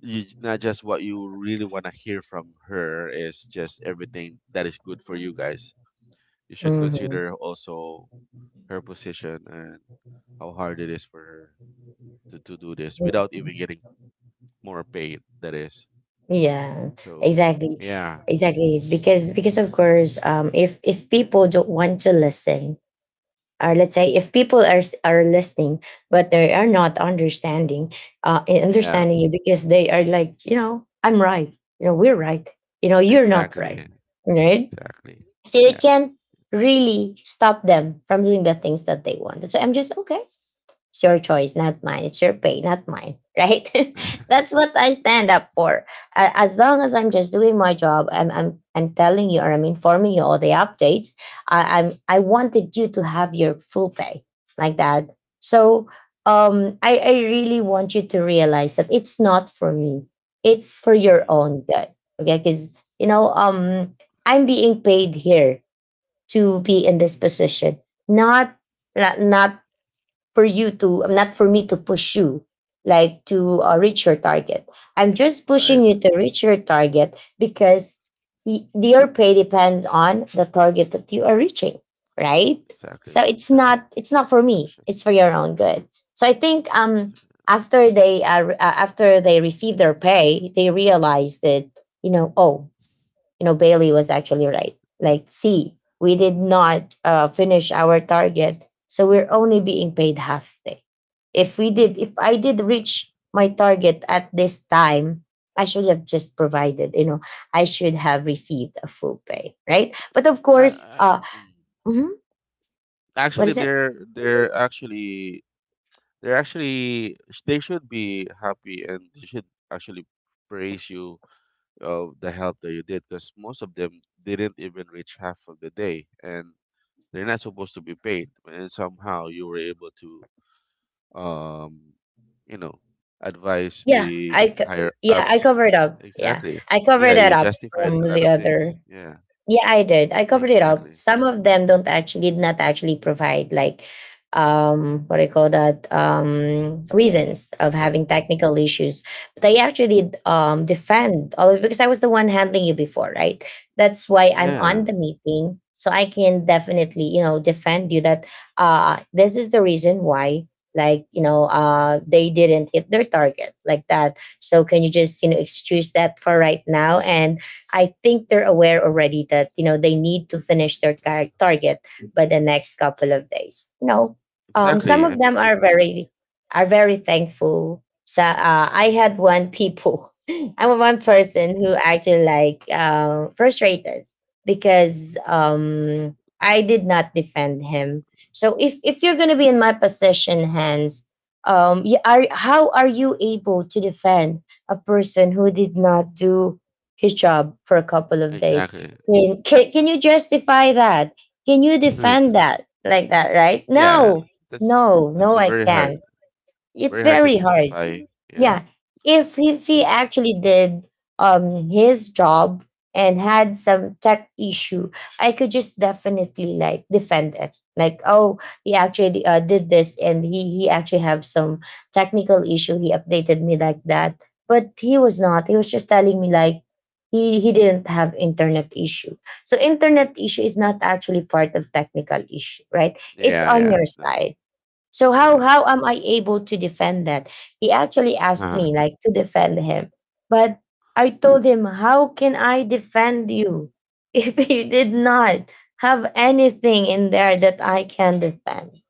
Speaker 2: you, not just what you really want to hear from her is just everything that is good for you guys. You should
Speaker 1: Mhm.
Speaker 2: consider also her position and how hard it is for her to, to do this without even
Speaker 1: Mhm.
Speaker 2: getting more paid. That is
Speaker 1: Yeah,
Speaker 2: so.
Speaker 1: exactly,
Speaker 2: Yeah.
Speaker 1: exactly. Because because of course, um, if if people don't want to listen, or let's say if people are s- are listening, but they are not understanding, uh, in
Speaker 2: Yeah.
Speaker 1: understanding you because they are like, you know, I'm right, you know, we're right, you know, you're not right,
Speaker 2: Exactly.
Speaker 1: right?
Speaker 2: Exactly.
Speaker 1: So you
Speaker 2: Yeah.
Speaker 1: can't really stop them from doing the things that they want. So I'm just okay. It's your choice, not mine. It's your pay, not mine. Right? That's what I stand up for. A- As long as I'm just doing my job, I'm I'm I'm telling you, or I'm informing you all the updates. I, I'm I wanted you to have your full pay like that. So um I, I really want you to realize that it's not for me. It's for your
Speaker 2: Mm.
Speaker 1: own good. Okay, because you know, um I'm being paid here to be in this position. Not not, not for you to not for me to push you, like, to uh, reach your target. I'm just pushing
Speaker 2: Right.
Speaker 1: you to reach your target because y- your pay depends on the target that you are reaching, right? So
Speaker 2: Exactly.
Speaker 1: it's not
Speaker 2: Exactly.
Speaker 1: it's not for me.
Speaker 2: Production.
Speaker 1: It's for your own good. So I think um after they uh, re- uh, after they receive their pay, they realize that, you know oh, you know, Bailey was actually right. Like, see, we did not uh, finish our target, so we're only being paid half day. If we did, if I did reach my target at this time, I should have just provided, you know, I should have received a full pay, right? But of
Speaker 2: I,
Speaker 1: course.
Speaker 2: I,
Speaker 1: Uh,
Speaker 2: Mm.
Speaker 1: mhm. What
Speaker 2: Actually,
Speaker 1: is it?
Speaker 2: they're they're actually they're actually sh- they should be happy, and they should actually praise you of the help that you did, because most of them didn't even reach half of the day and they're not supposed to be paid, and somehow you were able to, um, you know, advise
Speaker 1: Yeah,
Speaker 2: the
Speaker 1: I, co-
Speaker 2: higher
Speaker 1: yeah, I
Speaker 2: ups.
Speaker 1: covered up. Yeah,
Speaker 2: Exactly.
Speaker 1: I covered
Speaker 2: Yeah,
Speaker 1: that
Speaker 2: you
Speaker 1: up
Speaker 2: justified
Speaker 1: from
Speaker 2: a lot
Speaker 1: the
Speaker 2: of
Speaker 1: other.
Speaker 2: things. Yeah,
Speaker 1: Yeah, I did. I covered it up.
Speaker 2: exactly.
Speaker 1: Some of them don't actually did not actually provide, like, um what do you call that, um reasons of
Speaker 2: The,
Speaker 1: having technical issues, but I actually um defend all of it, because I was the one handling you before, right? That's why I'm
Speaker 2: yeah,
Speaker 1: on the meeting, so I can definitely, you know defend you that uh this is the reason why, like, you know uh they didn't hit their target like that, so can you just, you know excuse that for right now? And I think they're aware already that, you know they need to finish their tar- target by the next couple of days. You know, um, some
Speaker 2: exactly. I
Speaker 1: of
Speaker 2: mean,
Speaker 1: them
Speaker 2: you.
Speaker 1: are very are very thankful. So uh, I had one people, I was one
Speaker 2: Mhm.
Speaker 1: person who actually, like, uh, frustrated because, um, I did not defend him. So if if you're gonna be in my position, hands, um, you are how are you able to defend a person who did not do his job for a couple of days?
Speaker 2: Exactly.
Speaker 1: Can, can, can you justify that? Can you defend that like that, right?
Speaker 2: yeah,
Speaker 1: No,
Speaker 2: that's
Speaker 1: no,
Speaker 2: that's
Speaker 1: no,
Speaker 2: a
Speaker 1: I
Speaker 2: very hard,
Speaker 1: can't. It's
Speaker 2: very hard to
Speaker 1: very hard,
Speaker 2: justify. Yeah,
Speaker 1: yeah. If he- if he
Speaker 2: yeah,
Speaker 1: actually did um his job and had some tech issue, I could just definitely, like, defend it like, oh, he actually uh, did this, and he he actually have some technical issue, he updated me like that. But he was not he was just telling me, like, he he didn't have internet issue, so internet issue is not actually part of technical issue, right? It's
Speaker 2: yeah,
Speaker 1: on
Speaker 2: yeah.
Speaker 1: your
Speaker 2: It's not.
Speaker 1: side, so how
Speaker 2: Yeah,
Speaker 1: how am I able to defend that? He actually asked me,
Speaker 2: uh
Speaker 1: like, to defend him. But I told him, "How can I defend you if you did not have anything in there that I can defend?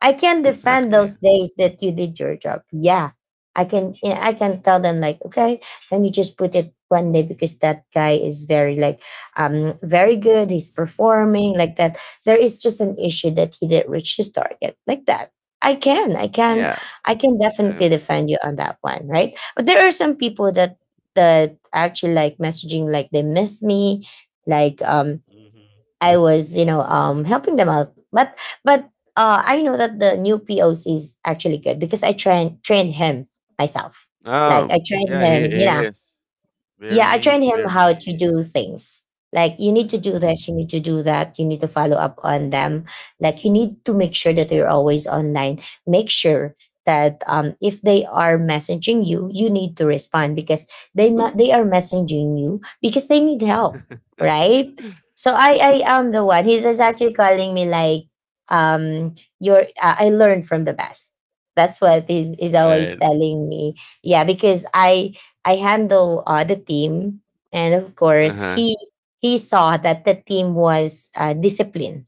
Speaker 1: I can defend
Speaker 2: exactly.
Speaker 1: those days that you did your job. Yeah." I can, yeah, I can tell them, like, "Okay, let me just put it one day because that guy is very, like, um very good, he's performing like that. There is just an issue that he didn't reach his target like that. I can, I can,
Speaker 2: Yeah.
Speaker 1: I can definitely
Speaker 2: Um,
Speaker 1: defend you on that one, right? But there are some people that that actually, like, messaging, like they miss me, like, um
Speaker 2: Mhm.
Speaker 1: I was, you know, um helping them out." But but uh I know that the new P O C is actually good because I train trained him myself. Like
Speaker 2: Oh,
Speaker 1: I trained
Speaker 2: yeah. He
Speaker 1: him, you
Speaker 2: he
Speaker 1: know,
Speaker 2: is.
Speaker 1: yeah, I trained
Speaker 2: Very,
Speaker 1: him how to
Speaker 2: very.
Speaker 1: do things. Like, you need to
Speaker 2: Uh,
Speaker 1: do this, you need to do that, you need to follow up on them. Like, you need to make sure that you're always online. Make sure that, um, if they are messaging you, you need to respond because they ma- they are messaging you because they need help, right? So I I am the one. He's just
Speaker 2: uh,
Speaker 1: actually calling me, like, um you're uh, I learned from the best. That's what he's is always
Speaker 2: right.
Speaker 1: telling me. Yeah, because I I handle uh, the team, and of
Speaker 2: Uh
Speaker 1: course,
Speaker 2: huh.
Speaker 1: he he saw that the team was uh, disciplined.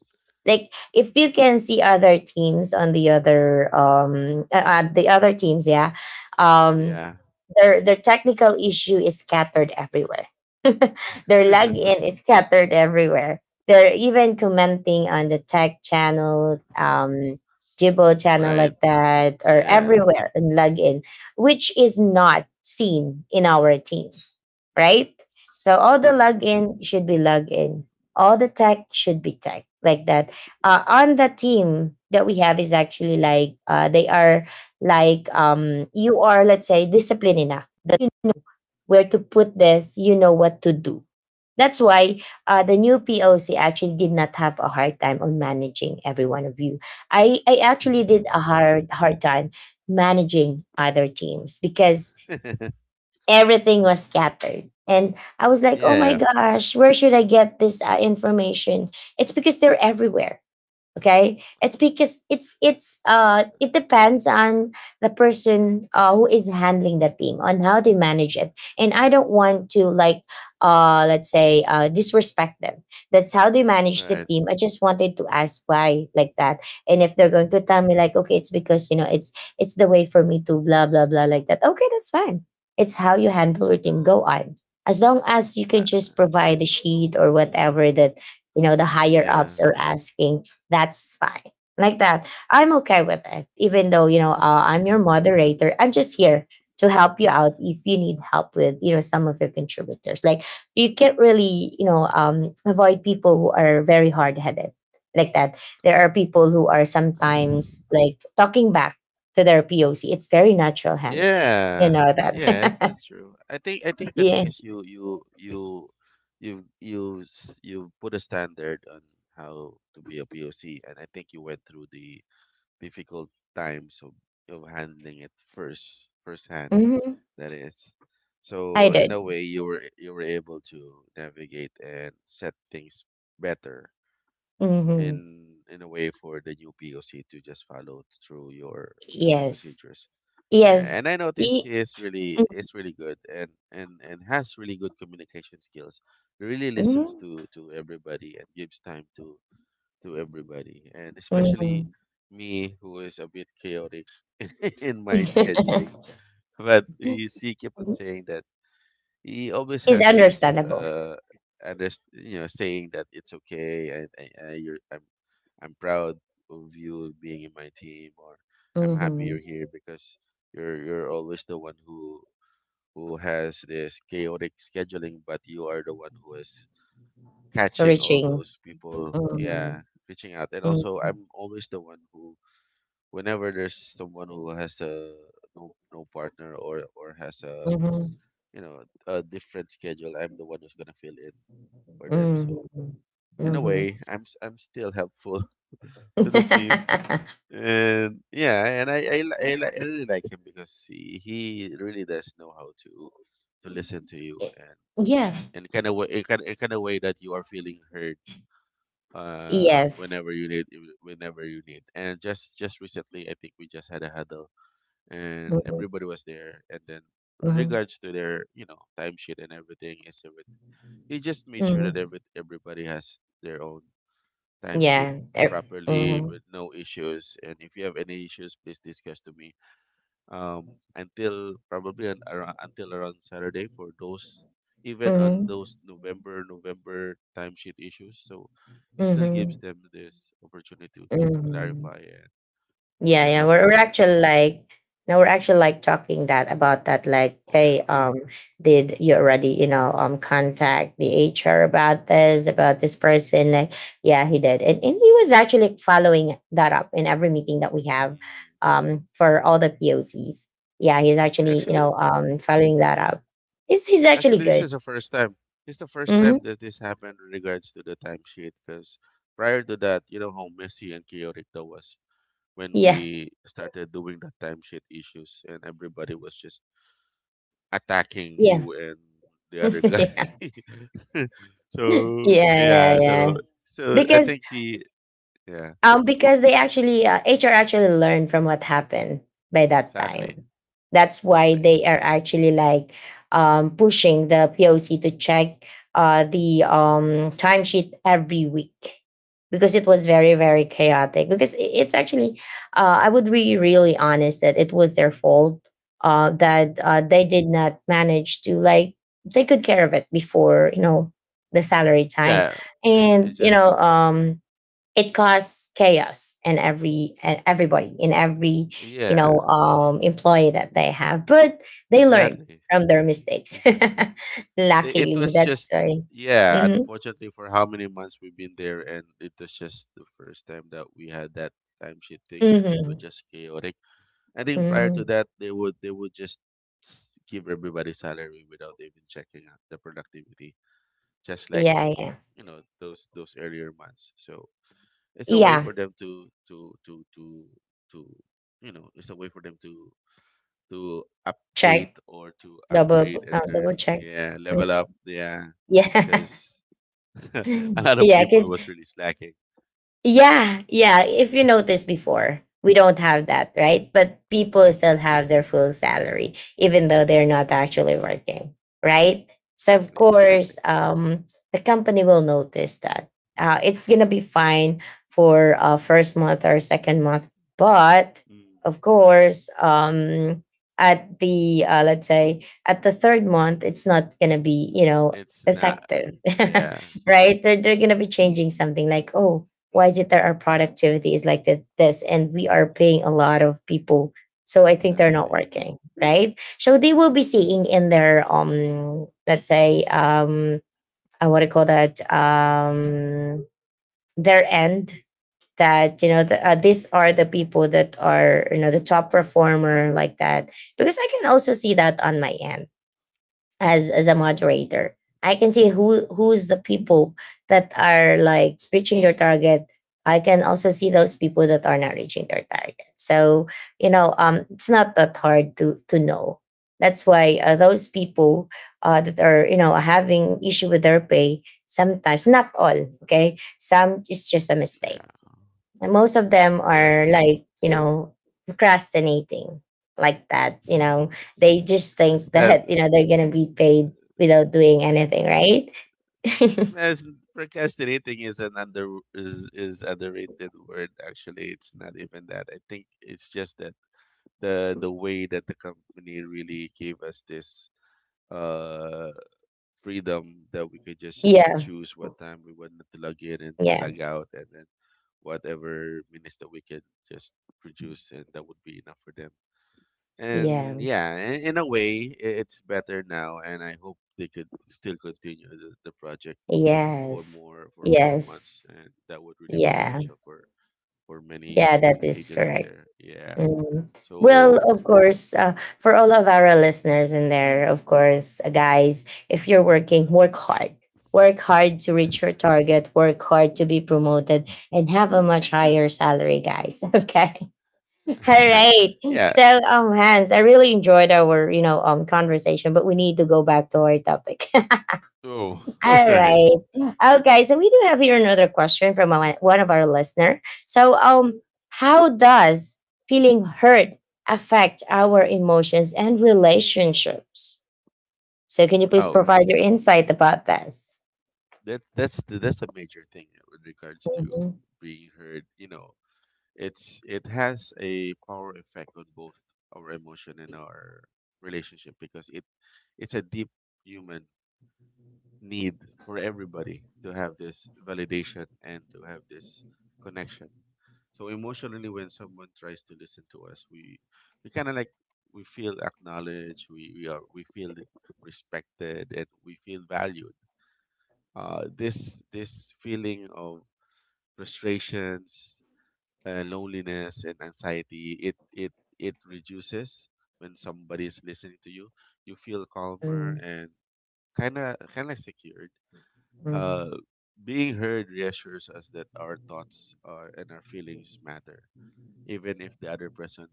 Speaker 1: Like, if you can see other teams on the other um uh, uh, the other teams, yeah, um
Speaker 2: Yeah.
Speaker 1: their their technical issue is scattered everywhere. Their login is scattered everywhere. They're even commenting on the tech channel, um, Jibo channel
Speaker 2: Right.
Speaker 1: like that, or
Speaker 2: Yeah.
Speaker 1: everywhere, and login, which is not seen in our team, right? So all the login should be login. All the tech should be tech like that. Uh, on the team that we have is actually, like, uh, they are, like, um you are, let's say, disciplined enough that, you know where to put this, you know what to do, that's why uh, the new POC actually did not have a hard time on managing every one of you. I i actually did a hard hard time managing other teams because
Speaker 2: Mm.
Speaker 1: everything was scattered, and I was like,
Speaker 2: Yeah.
Speaker 1: oh my
Speaker 2: Yeah.
Speaker 1: gosh, where should I get this, uh, information. It's because they're everywhere. Okay, it's because it's it's uh it depends on the person, uh, who is handling the team, on how they manage it. And I don't want to, like, uh let's say, uh disrespect them. That's how they manage the
Speaker 2: Right.
Speaker 1: team. I just wanted to ask why, like that. And if they're going to tell me, like, okay, it's because, you know it's it's the way for me to blah blah blah like that, okay, that's fine. It's how you handle your team. Go on. As long as you can
Speaker 2: Uh,
Speaker 1: just provide the sheet, or whatever that, you know the higher
Speaker 2: yeah.
Speaker 1: ups are asking, that's fine. Like that, I'm okay with it, even though, you know uh, I'm your moderator. I'm just here to help you out if you need help with, you know some of your contributors. Like, you can't really, you know um, avoid people who are very hard-headed like that. There are people who are sometimes like talking back to their POC. It's very natural, hence, you
Speaker 2: Yeah.
Speaker 1: know
Speaker 2: Yeah, it's
Speaker 1: that.
Speaker 2: that's true. I think I think the
Speaker 1: Yeah.
Speaker 2: thing is you you you you you s- you put a standard on how to be a P O C, and I think you went through the difficult times of of handling it first firsthand.
Speaker 1: Hmm.
Speaker 2: That is.
Speaker 1: I
Speaker 2: So in a
Speaker 1: did.
Speaker 2: way, you were you were able to navigate and set things better
Speaker 1: Hmm.
Speaker 2: in in a way for the new P O C to just follow through your you know
Speaker 1: Yes.
Speaker 2: procedures. Yeah,
Speaker 1: Yes.
Speaker 2: and I noticed he
Speaker 1: E-
Speaker 2: is really is really good, and and and has really good communication skills. He really listens
Speaker 1: Mhm.
Speaker 2: to to everybody, and gives time to to everybody, and especially
Speaker 1: Mhm.
Speaker 2: me, who is a bit chaotic in my scheduling. But you see, keep on saying that he always
Speaker 1: It's
Speaker 2: has this
Speaker 1: understandable.
Speaker 2: uh, under, you know, saying that it's okay, and, and, and you're, I'm, I'm proud of you being in my team, or I'm happy
Speaker 1: Mhm.
Speaker 2: you're here, because you're, you're always the one who, who has this chaotic scheduling, but you are the one who is catching all
Speaker 1: Reaching.
Speaker 2: those people.
Speaker 1: Mhm.
Speaker 2: Yeah, reaching out. And also,
Speaker 1: Mhm.
Speaker 2: I'm always the one who, whenever there's someone who has a no no partner, or or has a
Speaker 1: Mhm.
Speaker 2: you know a different schedule, I'm the one who's gonna fill in for them.
Speaker 1: Mhm.
Speaker 2: So in a
Speaker 1: Mhm.
Speaker 2: way, i'm s- I'm still helpful to the team.
Speaker 1: Y-
Speaker 2: And yeah, and i i, li- I, li- I really like him, because he, he really does know how to to listen to you, and
Speaker 1: yeah.
Speaker 2: in kind of way, in kind in kind of way that you are feeling heard uh
Speaker 1: Yes.
Speaker 2: whenever you need it- whenever you need. And just just recently I think we just had a huddle, and
Speaker 1: Mhm.
Speaker 2: everybody was there, and then with
Speaker 1: Mhm.
Speaker 2: regards to their you know timesheet and everything is everything, they just made sure that
Speaker 1: Mhm.
Speaker 2: every, everybody has their own timesheet
Speaker 1: Yeah. Er-
Speaker 2: properly
Speaker 1: Mhm.
Speaker 2: with no issues, and if you have any issues please discuss to me, um, until probably an, around, until around Saturday, for those, even on
Speaker 1: Mhm.
Speaker 2: those November November timesheet issues. So it still gives
Speaker 1: Mhm.
Speaker 2: them this opportunity to, to, to
Speaker 1: Mhm.
Speaker 2: clarify,
Speaker 1: Yeah,
Speaker 2: and, and
Speaker 1: yeah.
Speaker 2: help
Speaker 1: We're, we're
Speaker 2: them out.
Speaker 1: actually
Speaker 2: So
Speaker 1: like now we're actually like talking that about that like,
Speaker 2: yeah,
Speaker 1: hey, um did you already you know um contact the H R about this about this person, like, yeah, he did, and and he was actually following that up in every meeting that we have
Speaker 2: mm.
Speaker 1: um for all the P O Cs. Yeah, he's actually you
Speaker 2: Actually,
Speaker 1: know um
Speaker 2: mm,
Speaker 1: following that up. He's he's actually
Speaker 2: actually this
Speaker 1: good.
Speaker 2: is the first time. It's the first time
Speaker 1: Hmm.
Speaker 2: that this happened in regards to the timesheet, because prior to that, you know how messy and chaotic that was when
Speaker 1: Yeah,
Speaker 2: we started doing the timesheet issues and everybody was just attacking
Speaker 1: yeah.
Speaker 2: you and the other guy.
Speaker 1: Yeah, yeah,
Speaker 2: So
Speaker 1: yeah.
Speaker 2: yeah,
Speaker 1: Yeah,
Speaker 2: so so I
Speaker 1: because
Speaker 2: think he yeah
Speaker 1: Um, because they actually uh, H R actually learned from what happened by that
Speaker 2: exactly
Speaker 1: time. That's why
Speaker 2: exactly.
Speaker 1: they are actually like um, pushing the P O C to check uh, the um, timesheet every week because it was very very chaotic. Because i- it's actually, uh, I would be really honest, that it was their fault, uh, that uh,
Speaker 2: Mm.
Speaker 1: they did not manage to like take good care of it before, you know, the salary time,
Speaker 2: Yeah, it, it
Speaker 1: and you
Speaker 2: just
Speaker 1: know um it caused chaos in every and everybody, in every, you
Speaker 2: yeah
Speaker 1: know um employee that they have. But they learn
Speaker 2: exactly
Speaker 1: from their mistakes
Speaker 2: exactly. The- it
Speaker 1: luckily.
Speaker 2: was
Speaker 1: That's
Speaker 2: just
Speaker 1: right.
Speaker 2: yeah
Speaker 1: Hmm.
Speaker 2: unfortunately for how many months we've been there, and it was just the first time that we had that timesheet thing, and it was
Speaker 1: Hmm.
Speaker 2: just chaotic. I think prior
Speaker 1: Hmm.
Speaker 2: to that they would they would just s- give everybody salary without even checking out the productivity, just like
Speaker 1: Yeah, yeah,
Speaker 2: you know those those earlier months. So it's a way
Speaker 1: yeah.
Speaker 2: for them to to to to to you know, it's a way for them to to
Speaker 1: Check.
Speaker 2: update or to
Speaker 1: Double
Speaker 2: upgrade and
Speaker 1: uh,
Speaker 2: learn.
Speaker 1: double check.
Speaker 2: Yeah, level
Speaker 1: Mhm.
Speaker 2: up. Yeah,
Speaker 1: Yeah.
Speaker 2: because a lot of
Speaker 1: Yeah,
Speaker 2: people
Speaker 1: because
Speaker 2: was really slacking.
Speaker 1: yeah, yeah. If you noticed before, we don't have that, right? But people still
Speaker 2: Mm,
Speaker 1: have their full salary, even though they're not actually working, right? So of
Speaker 2: exactly,
Speaker 1: course,
Speaker 2: exactly.
Speaker 1: um, the company will notice that. Uh, it's gonna be fine for uh, first month or second month, but
Speaker 2: Mm,
Speaker 1: of course, um, at the uh, let's say at the third month, it's not gonna be, you know,
Speaker 2: it's not.
Speaker 1: effective,
Speaker 2: Yeah,
Speaker 1: right? They're they're gonna be changing something like, oh, why is it that our productivity is like th- this and we are paying a lot of people, so I think they're not
Speaker 2: exactly.
Speaker 1: working, right? So they will be seeing in their um let's say um uh, what do you call that, um their end, that, you know, the, uh,
Speaker 2: Mm,
Speaker 1: these are the people that are, you know, the top performer, like that. Because I can also see that on my end, as as a moderator. I can see who who's the people that are like reaching their target. I can also see those people that are not reaching their target. So, you know um it's not that hard to to know. That's why, uh, those people, uh, that are, you know, having issue with their pay sometimes, not all. Okay, some it's just a mistake,
Speaker 2: yeah.
Speaker 1: and most of them are,
Speaker 2: Yes.
Speaker 1: like, you know, procrastinating, like that. You know, they just
Speaker 2: It's
Speaker 1: think
Speaker 2: that.
Speaker 1: that, you know, they're going to be paid without doing anything, right?
Speaker 2: As Procrastinating is an under is is underrated word. Actually it's not even that, I think it's just that the the way that the company really gave us this uh freedom that we could just
Speaker 1: Yeah.
Speaker 2: choose what time we wanted to log in and
Speaker 1: Yeah.
Speaker 2: log out, and then whatever minutes that we could just produce, and that would be enough for them. And
Speaker 1: Yeah.
Speaker 2: yeah, in, in a way, i- it's better now, and I hope they could still continue the, the project for
Speaker 1: Yes.
Speaker 2: more for more
Speaker 1: Yes.
Speaker 2: months, and that would really
Speaker 1: Yeah.
Speaker 2: beneficial for for many
Speaker 1: Yeah, that is
Speaker 2: agents
Speaker 1: correct.
Speaker 2: there. Yeah.
Speaker 1: Mm. Well, of
Speaker 2: So
Speaker 1: course, uh, for all of our listeners in there, of course, uh, guys, if you're working, work hard. Work hard to reach your target, work hard to be promoted, and have a much higher salary, guys. Okay. All right.
Speaker 2: yeah.
Speaker 1: So, um, Hans, I really enjoyed our, you know, um, conversation, but we need to go back to our topic.
Speaker 2: Oh, all
Speaker 1: All
Speaker 2: right.
Speaker 1: right. Okay, so we do have here another question from one one of our listener. So, um, how does feeling hurt affect our emotions and relationships? So, can you please
Speaker 2: Oh,
Speaker 1: provide your insight about this?
Speaker 2: that that's the, that's a major thing with regards to
Speaker 1: Mhm.
Speaker 2: being heard. You know, it's it has a power effect on both our emotion and our relationship, because it it's a deep human need for everybody to have this validation and to have this connection. So emotionally, when someone tries to listen to us, we we kind of like we feel acknowledged, we we are we feel respected, and we feel valued. Uh, this this feeling of frustrations, uh, loneliness, and anxiety it it it reduces when somebody is listening to you. You feel calmer
Speaker 1: Mhm.
Speaker 2: and kind of kind of secured, uh,
Speaker 1: Mhm.
Speaker 2: being heard reassures us that our thoughts are, and our feelings matter, even if the other person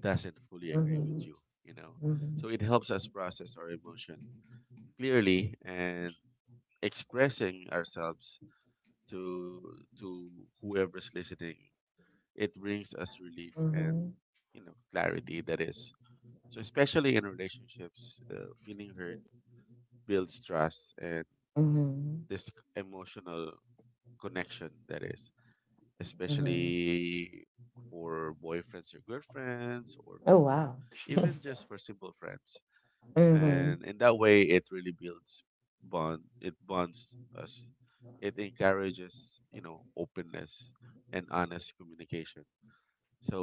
Speaker 2: doesn't fully agree with you. You know,
Speaker 1: Mhm.
Speaker 2: so it helps us process our emotion clearly and expressing ourselves to to whoever's listening. It brings us relief
Speaker 1: Mhm.
Speaker 2: and
Speaker 1: Mhm.
Speaker 2: you know clarity. That is. So, especially in relationships, uh, feeling heard builds trust and
Speaker 1: Mhm.
Speaker 2: this emotional connection. That is.
Speaker 1: Mhm.
Speaker 2: Especially for boyfriends or girlfriends, or
Speaker 1: Oh,
Speaker 2: for
Speaker 1: wow.
Speaker 2: even just for simple friends, and
Speaker 1: Mhm,
Speaker 2: in that way it really builds bond, it bonds us, it encourages you know openness and honest communication.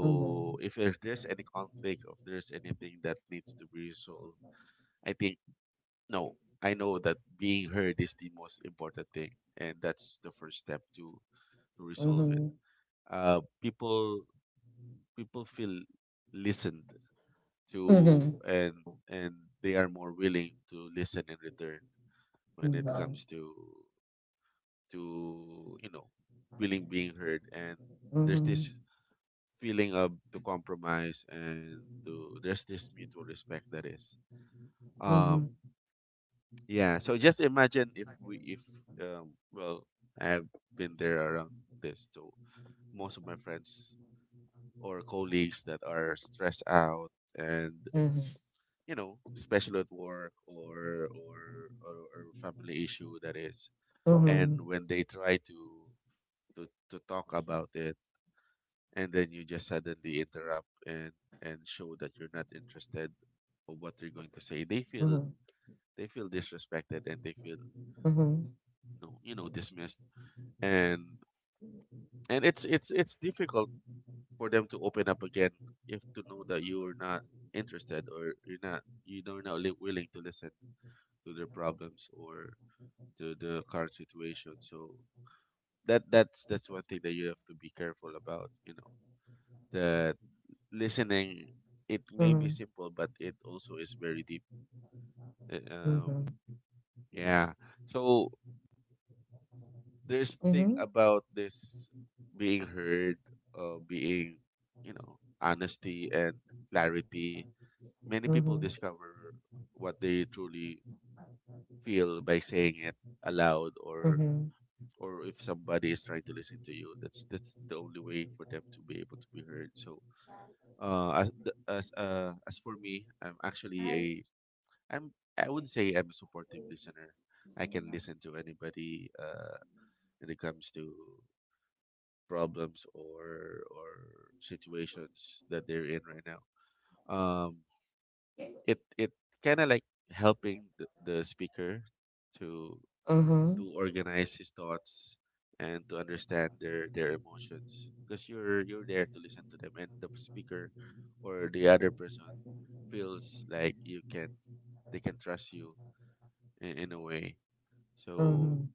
Speaker 1: mhm.
Speaker 2: if, if there's any conflict, or if there's anything that needs to be resolved, I think no, I know that being heard is the most important thing, and that's the first step to to resolve it.
Speaker 1: Mhm.
Speaker 2: uh people people feel listened to,
Speaker 1: Mhm.
Speaker 2: and and they are more willing to listen in return. When it
Speaker 1: Mhm.
Speaker 2: comes to to you know feeling being heard, and there's
Speaker 1: Mhm.
Speaker 2: this feeling of to compromise, and to there's this mutual respect, that is,
Speaker 1: Mhm.
Speaker 2: um yeah. So just imagine if we if um well, I've been there around this. So most of my friends or colleagues that are stressed out, and
Speaker 1: Mhm.
Speaker 2: you know, special at work, or or or, or family issue, that is. And
Speaker 1: Mhm.
Speaker 2: when they try to, to to talk about it, and then you just suddenly interrupt and and show that you're not interested of what they're going to say, they feel
Speaker 1: Mhm.
Speaker 2: they feel disrespected, and they feel
Speaker 1: Mhm.
Speaker 2: no, you know, dismissed. And and it's it's it's difficult for them to open up again, if to know that you are not interested, or you're not you are not li- willing to listen to their problems, or to the current situation. So that that's that's one thing that you have to be careful about. You know that listening, it
Speaker 1: Mhm.
Speaker 2: may be
Speaker 1: Mhm.
Speaker 2: simple, but it also is very deep. Uh, Um,
Speaker 1: Mhm.
Speaker 2: yeah. So there's thing
Speaker 1: Mhm.
Speaker 2: about this being heard, uh, being you know honesty and clarity. Many people
Speaker 1: Mhm.
Speaker 2: discover what they truly feel by saying it aloud, or
Speaker 1: Mhm.
Speaker 2: or if somebody is trying to listen to you, that's that's the only way for them to be able to be heard. So uh as the- as uh as for me, I'm actually a I'm I would say I'm a supportive listener. I can listen to anybody uh when it comes to problems, or or situations that they're in right now. um it it kind of like helping the, the speaker to to organize his thoughts, and to understand their their emotions, because you're you're there to listen to them, and the speaker, or the other person, feels like you can they can trust you, in, in a way.
Speaker 1: Mhm.
Speaker 2: So
Speaker 1: Mhm.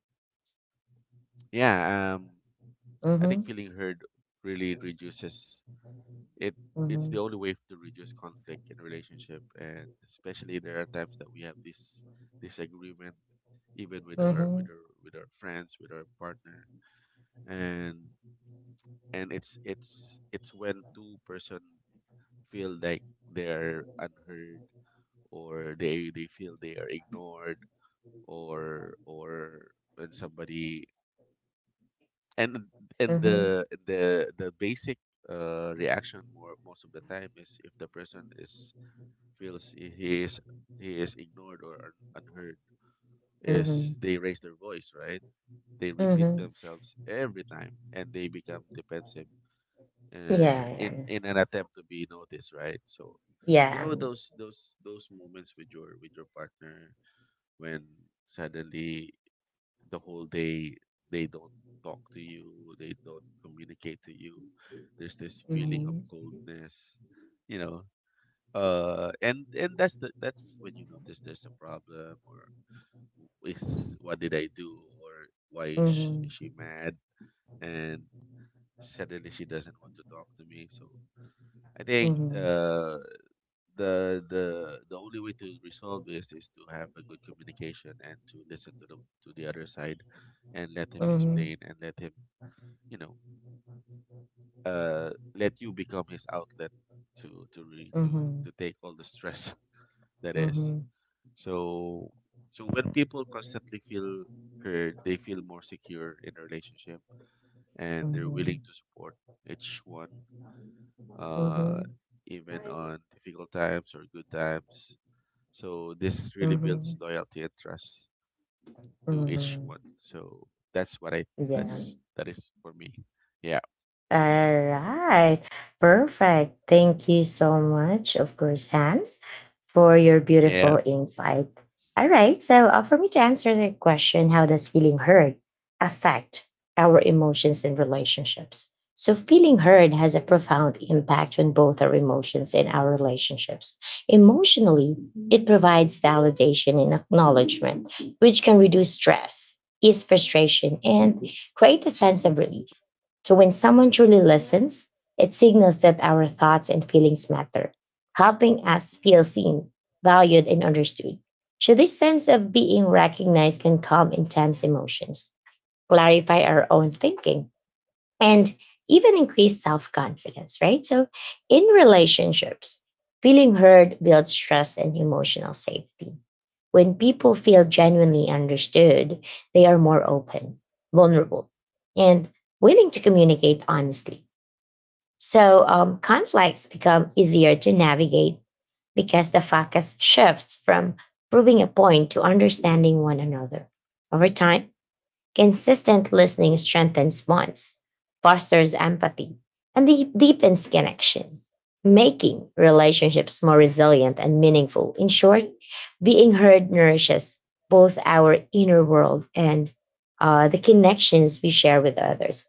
Speaker 2: yeah, um I think feeling heard really reduces it. It's
Speaker 1: Mhm.
Speaker 2: the only way to reduce conflict in a relationship, and especially there are times that we have this disagreement, even with our with our with our friends, with our partner. And and it's it's it's when two person feel like they're unheard, or they they feel they are ignored, or or when somebody, and and
Speaker 1: Mhm.
Speaker 2: the the the basic uh reaction more most of the time is, if the person is feels he he is he is ignored, or un, unheard,
Speaker 1: Mhm.
Speaker 2: is
Speaker 1: Mhm.
Speaker 2: they raise their voice, right? They repeat
Speaker 1: Mhm.
Speaker 2: themselves every time, and they become defensive,
Speaker 1: Yeah,
Speaker 2: uh,
Speaker 1: yeah,
Speaker 2: in in an attempt to be noticed, right? So, you know
Speaker 1: yeah.
Speaker 2: those those those moments with your with your partner, when suddenly the whole day they don't talk to you, they don't communicate to you. There's this feeling of
Speaker 1: Mhm.
Speaker 2: coldness, you know. Uh, and and that's the that's when you notice there's a problem, or is, what did I do, or why is she, is she
Speaker 1: Mhm.
Speaker 2: mad? And suddenly she doesn't want to talk to me. So I think
Speaker 1: Mhm.
Speaker 2: uh, the the the only way to resolve this is to have a good communication, and to listen to the to the other side, and let
Speaker 1: Mhm.
Speaker 2: him
Speaker 1: Mhm.
Speaker 2: explain, and let him you know uh let you become his outlet, to to re, to
Speaker 1: Mhm.
Speaker 2: to take all the stress that is.
Speaker 1: Mhm.
Speaker 2: So so when people constantly feel heard, they feel more secure in a relationship, and they're
Speaker 1: Mhm.
Speaker 2: willing to support each one. Uh, even on difficult times or good times. So this really builds
Speaker 1: Mhm.
Speaker 2: loyalty and trust to each one.
Speaker 1: Mhm.
Speaker 2: So that's what I,
Speaker 1: Yeah.
Speaker 2: that's that is for me. Yeah.
Speaker 1: All right. Perfect. Thank you so much, of course, Hans, for your
Speaker 2: Yeah.
Speaker 1: beautiful insight. All right. So, uh, for me to answer the question, how does feeling heard affect our emotions and relationships? So, feeling heard has a profound impact on both our emotions and our relationships. Emotionally, it provides validation and acknowledgement, which can reduce stress, ease frustration, and create a sense of relief. So when someone truly listens, it signals that our thoughts and feelings matter, helping us feel seen, valued, and understood. So this sense of being recognized can calm intense emotions, clarify our own thinking, and even increase self confidence, right? So, in relationships, feeling heard builds trust and emotional safety. When people feel genuinely understood, they are more open, vulnerable, and willing to communicate honestly. So, um, conflicts become easier to navigate because the focus shifts from proving a point to understanding one another. Over time, consistent listening strengthens bonds, fosters empathy, and de- deepens connection, making relationships more resilient and meaningful. In short, being heard nourishes both our inner world and uh, the connections we share with others.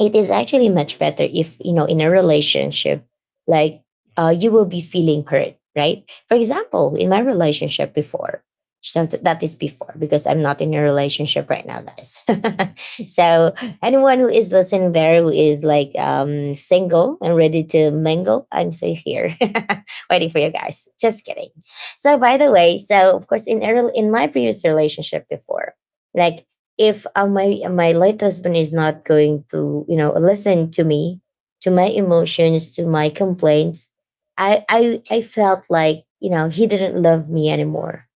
Speaker 1: It is actually much better if, you know, in a relationship, like, uh, you will be feeling hurt, right? For example, in my relationship before, so th- that is before, because I'm not in a relationship right now, guys. So anyone who is listening there, who is like, um single and ready to mingle, I'm still here waiting for you, guys. Just kidding. So by the way, so of course, in a rel- in my previous relationship before, like, if, uh, my my late husband is not going to, you know, listen to me, to my emotions, to my complaints, i i i felt like, you know, he didn't love me anymore.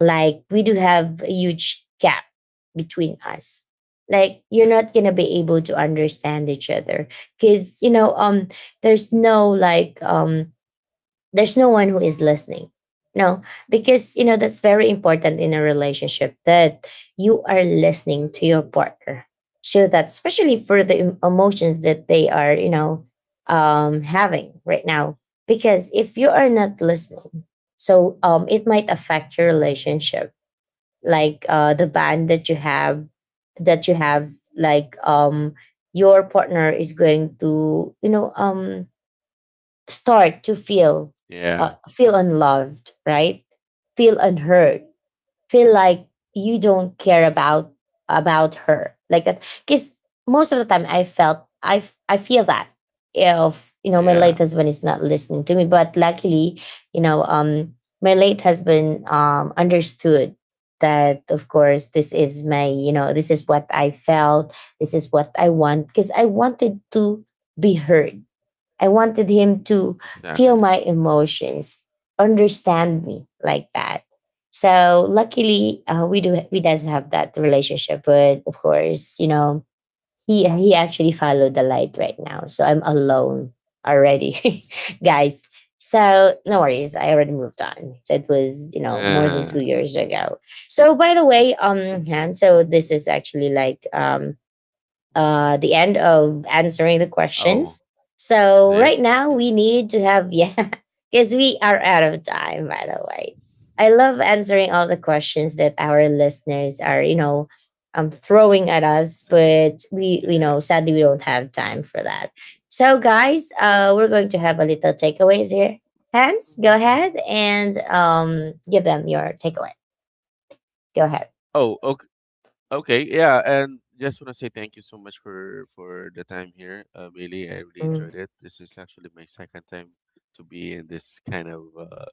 Speaker 1: Like, we do have a huge gap between us. Like, you're not gonna be able to understand each other, because, you know um there's no like, um there's no one who is listening. No. Because, you know, that's very important in a relationship, that you are listening to your partner. So that, especially for the em- emotions that they are, you know, um having right now. Because if you are not listening, so, um it might affect your relationship, like, uh the bond that you have, that you have like, um your partner is going to, you know, um start to feel, uh,
Speaker 2: Yeah.
Speaker 1: feel unloved, right? Feel unheard. Feel like you don't care about about her, like that. Because most of the time I felt, i f- i feel that, if, you know, my late
Speaker 2: Yeah.
Speaker 1: husband is not listening to me. But luckily, you know, um my late husband um understood that, of course, this is my, you know, this is what I felt, this is what I want, because I wanted to be heard. I wanted him to feel
Speaker 2: Exactly.
Speaker 1: my emotions, understand me, like that. So luckily, uh, we do, we does have that relationship. But of course, you know, he he actually followed the light right now, so I'm alone already, guys. So no worries, I already moved on. So it was, you know, more than two
Speaker 2: uh,
Speaker 1: years ago. So by the way, um, Han, so this is actually like, um uh, the end of answering the questions.
Speaker 2: oh,
Speaker 1: So
Speaker 2: is it?
Speaker 1: right now
Speaker 2: Okay.
Speaker 1: we need to have, yeah, because we are out of time. By the way, I love answering all the questions that our listeners are, you know, um throwing at us,
Speaker 2: Sending it.
Speaker 1: but we, you
Speaker 2: Yeah.
Speaker 1: know, sadly we don't have time for that. So guys, uh, we're going to have a little takeaways here. Hans, go ahead
Speaker 2: Mhm.
Speaker 1: and um give them your takeaway. Go ahead.
Speaker 2: Oh, okay. Okay, yeah, and just want to say thank you so much for for the time here, uh, Bailey. I really enjoyed it. This is actually my second time to be in this kind of uh,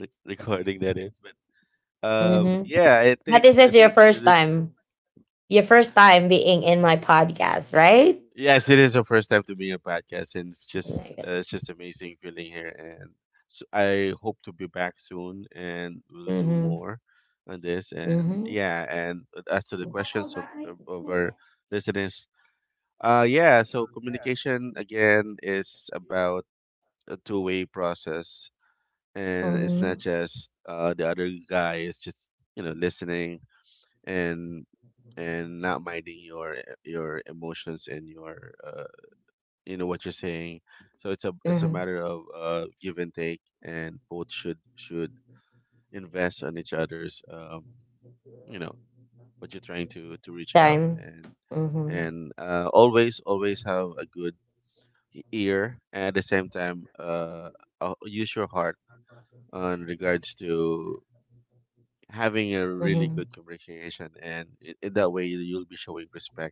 Speaker 2: re- recording, that is. But um,
Speaker 1: Mm-hmm.
Speaker 2: yeah, I
Speaker 1: But
Speaker 2: think
Speaker 1: this
Speaker 2: I
Speaker 1: is your
Speaker 2: think
Speaker 1: first
Speaker 2: really,
Speaker 1: time, your first time being in my podcast, right?
Speaker 2: yes, it is the first time to be a podcast, and it's just uh,
Speaker 1: Mm-hmm.
Speaker 2: it's just amazing feeling here. And so I hope to be back soon, and we'll do
Speaker 1: Mm-hmm.
Speaker 2: more on this. And yeah, and uh, as to the questions of of, of our listeners, uh, yeah, so communication again is about a two way process. And it's not
Speaker 1: Mm-hmm.
Speaker 2: just uh, the other guy is just, you know, listening, and and not minding your your emotions, and your uh, you know what you're saying, so it's a it's a
Speaker 1: Mm-hmm.
Speaker 2: matter of uh, give and take, and both should should invest on each other's, um, you know, what you're trying to to reach out,
Speaker 1: Time.
Speaker 2: and
Speaker 1: Mm-hmm.
Speaker 2: and uh, always always have a good e- ear, and at the same time, uh, uh, use your heart on regards to having a really good communication, and in, in that way you'll be showing respect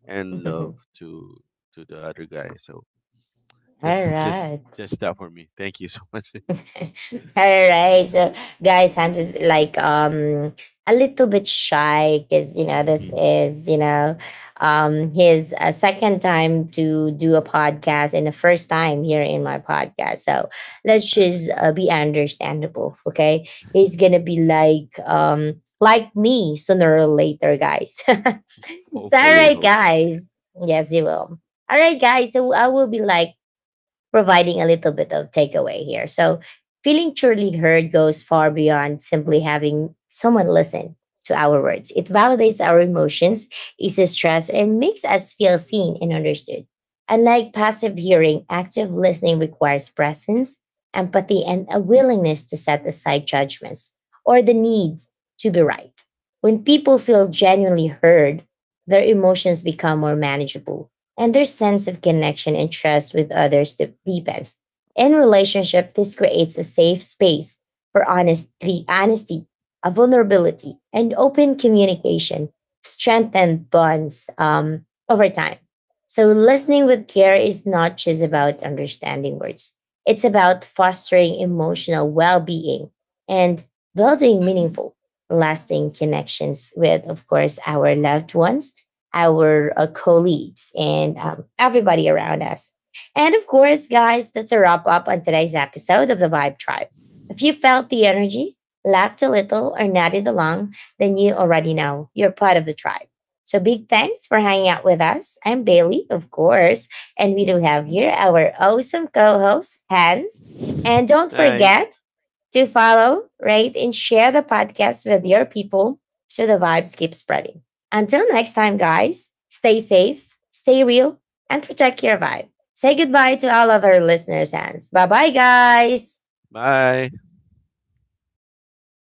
Speaker 2: and love
Speaker 1: Mm-hmm.
Speaker 2: to to the other guy. So
Speaker 1: All
Speaker 2: just just
Speaker 1: right.
Speaker 2: just that for me. Thank you so much.
Speaker 1: All right. So, guys, Hans is like, um a little bit shy, because you know this
Speaker 2: Mhm.
Speaker 1: is, you know, um his, uh, second time to do a podcast and the first time here in my podcast. So let's
Speaker 2: Exactly.
Speaker 1: just, uh, be understandable, okay? He's gonna be like, um like me sooner or later, guys. So, all
Speaker 2: Hopefully,
Speaker 1: right,
Speaker 2: hopefully.
Speaker 1: guys. Yes, he will. All right, guys. So I will be like providing a little bit of takeaway here. So, feeling truly heard goes far beyond simply having someone listen to our words. It validates our emotions, eases stress, and makes us feel seen and understood. Unlike passive hearing, active listening requires presence, empathy, and a willingness to set aside judgments or the need to be right. When people feel
Speaker 2: Yeah. Mm.
Speaker 1: genuinely heard, their emotions become more manageable and their sense of connection and trust with others de- deepens. In relationship, this creates a safe space for honesty, honesty, a vulnerability, and open communication, strengthen bonds, um, over time. So, listening with care is not just about understanding words; it's about fostering emotional well-being and building meaningful, lasting connections with, of course, our loved ones, our uh, colleagues, and um, everybody around us. And of course, guys, that's a wrap up on today's episode of the Vibe Tribe. If you felt the energy, laughed a little, or nodded along, then you already know you're part of the tribe. So big thanks for hanging out with us. I'm Bailey, of course, and we do have here our awesome co-host, Hans. And don't
Speaker 2: Night.
Speaker 1: forget, to follow, rate, and share the podcast with your people so the vibes keep spreading. Until next time, guys, stay safe, stay real, and protect your vibe. Say goodbye to all other listeners' hands. Bye bye, guys.
Speaker 2: Bye.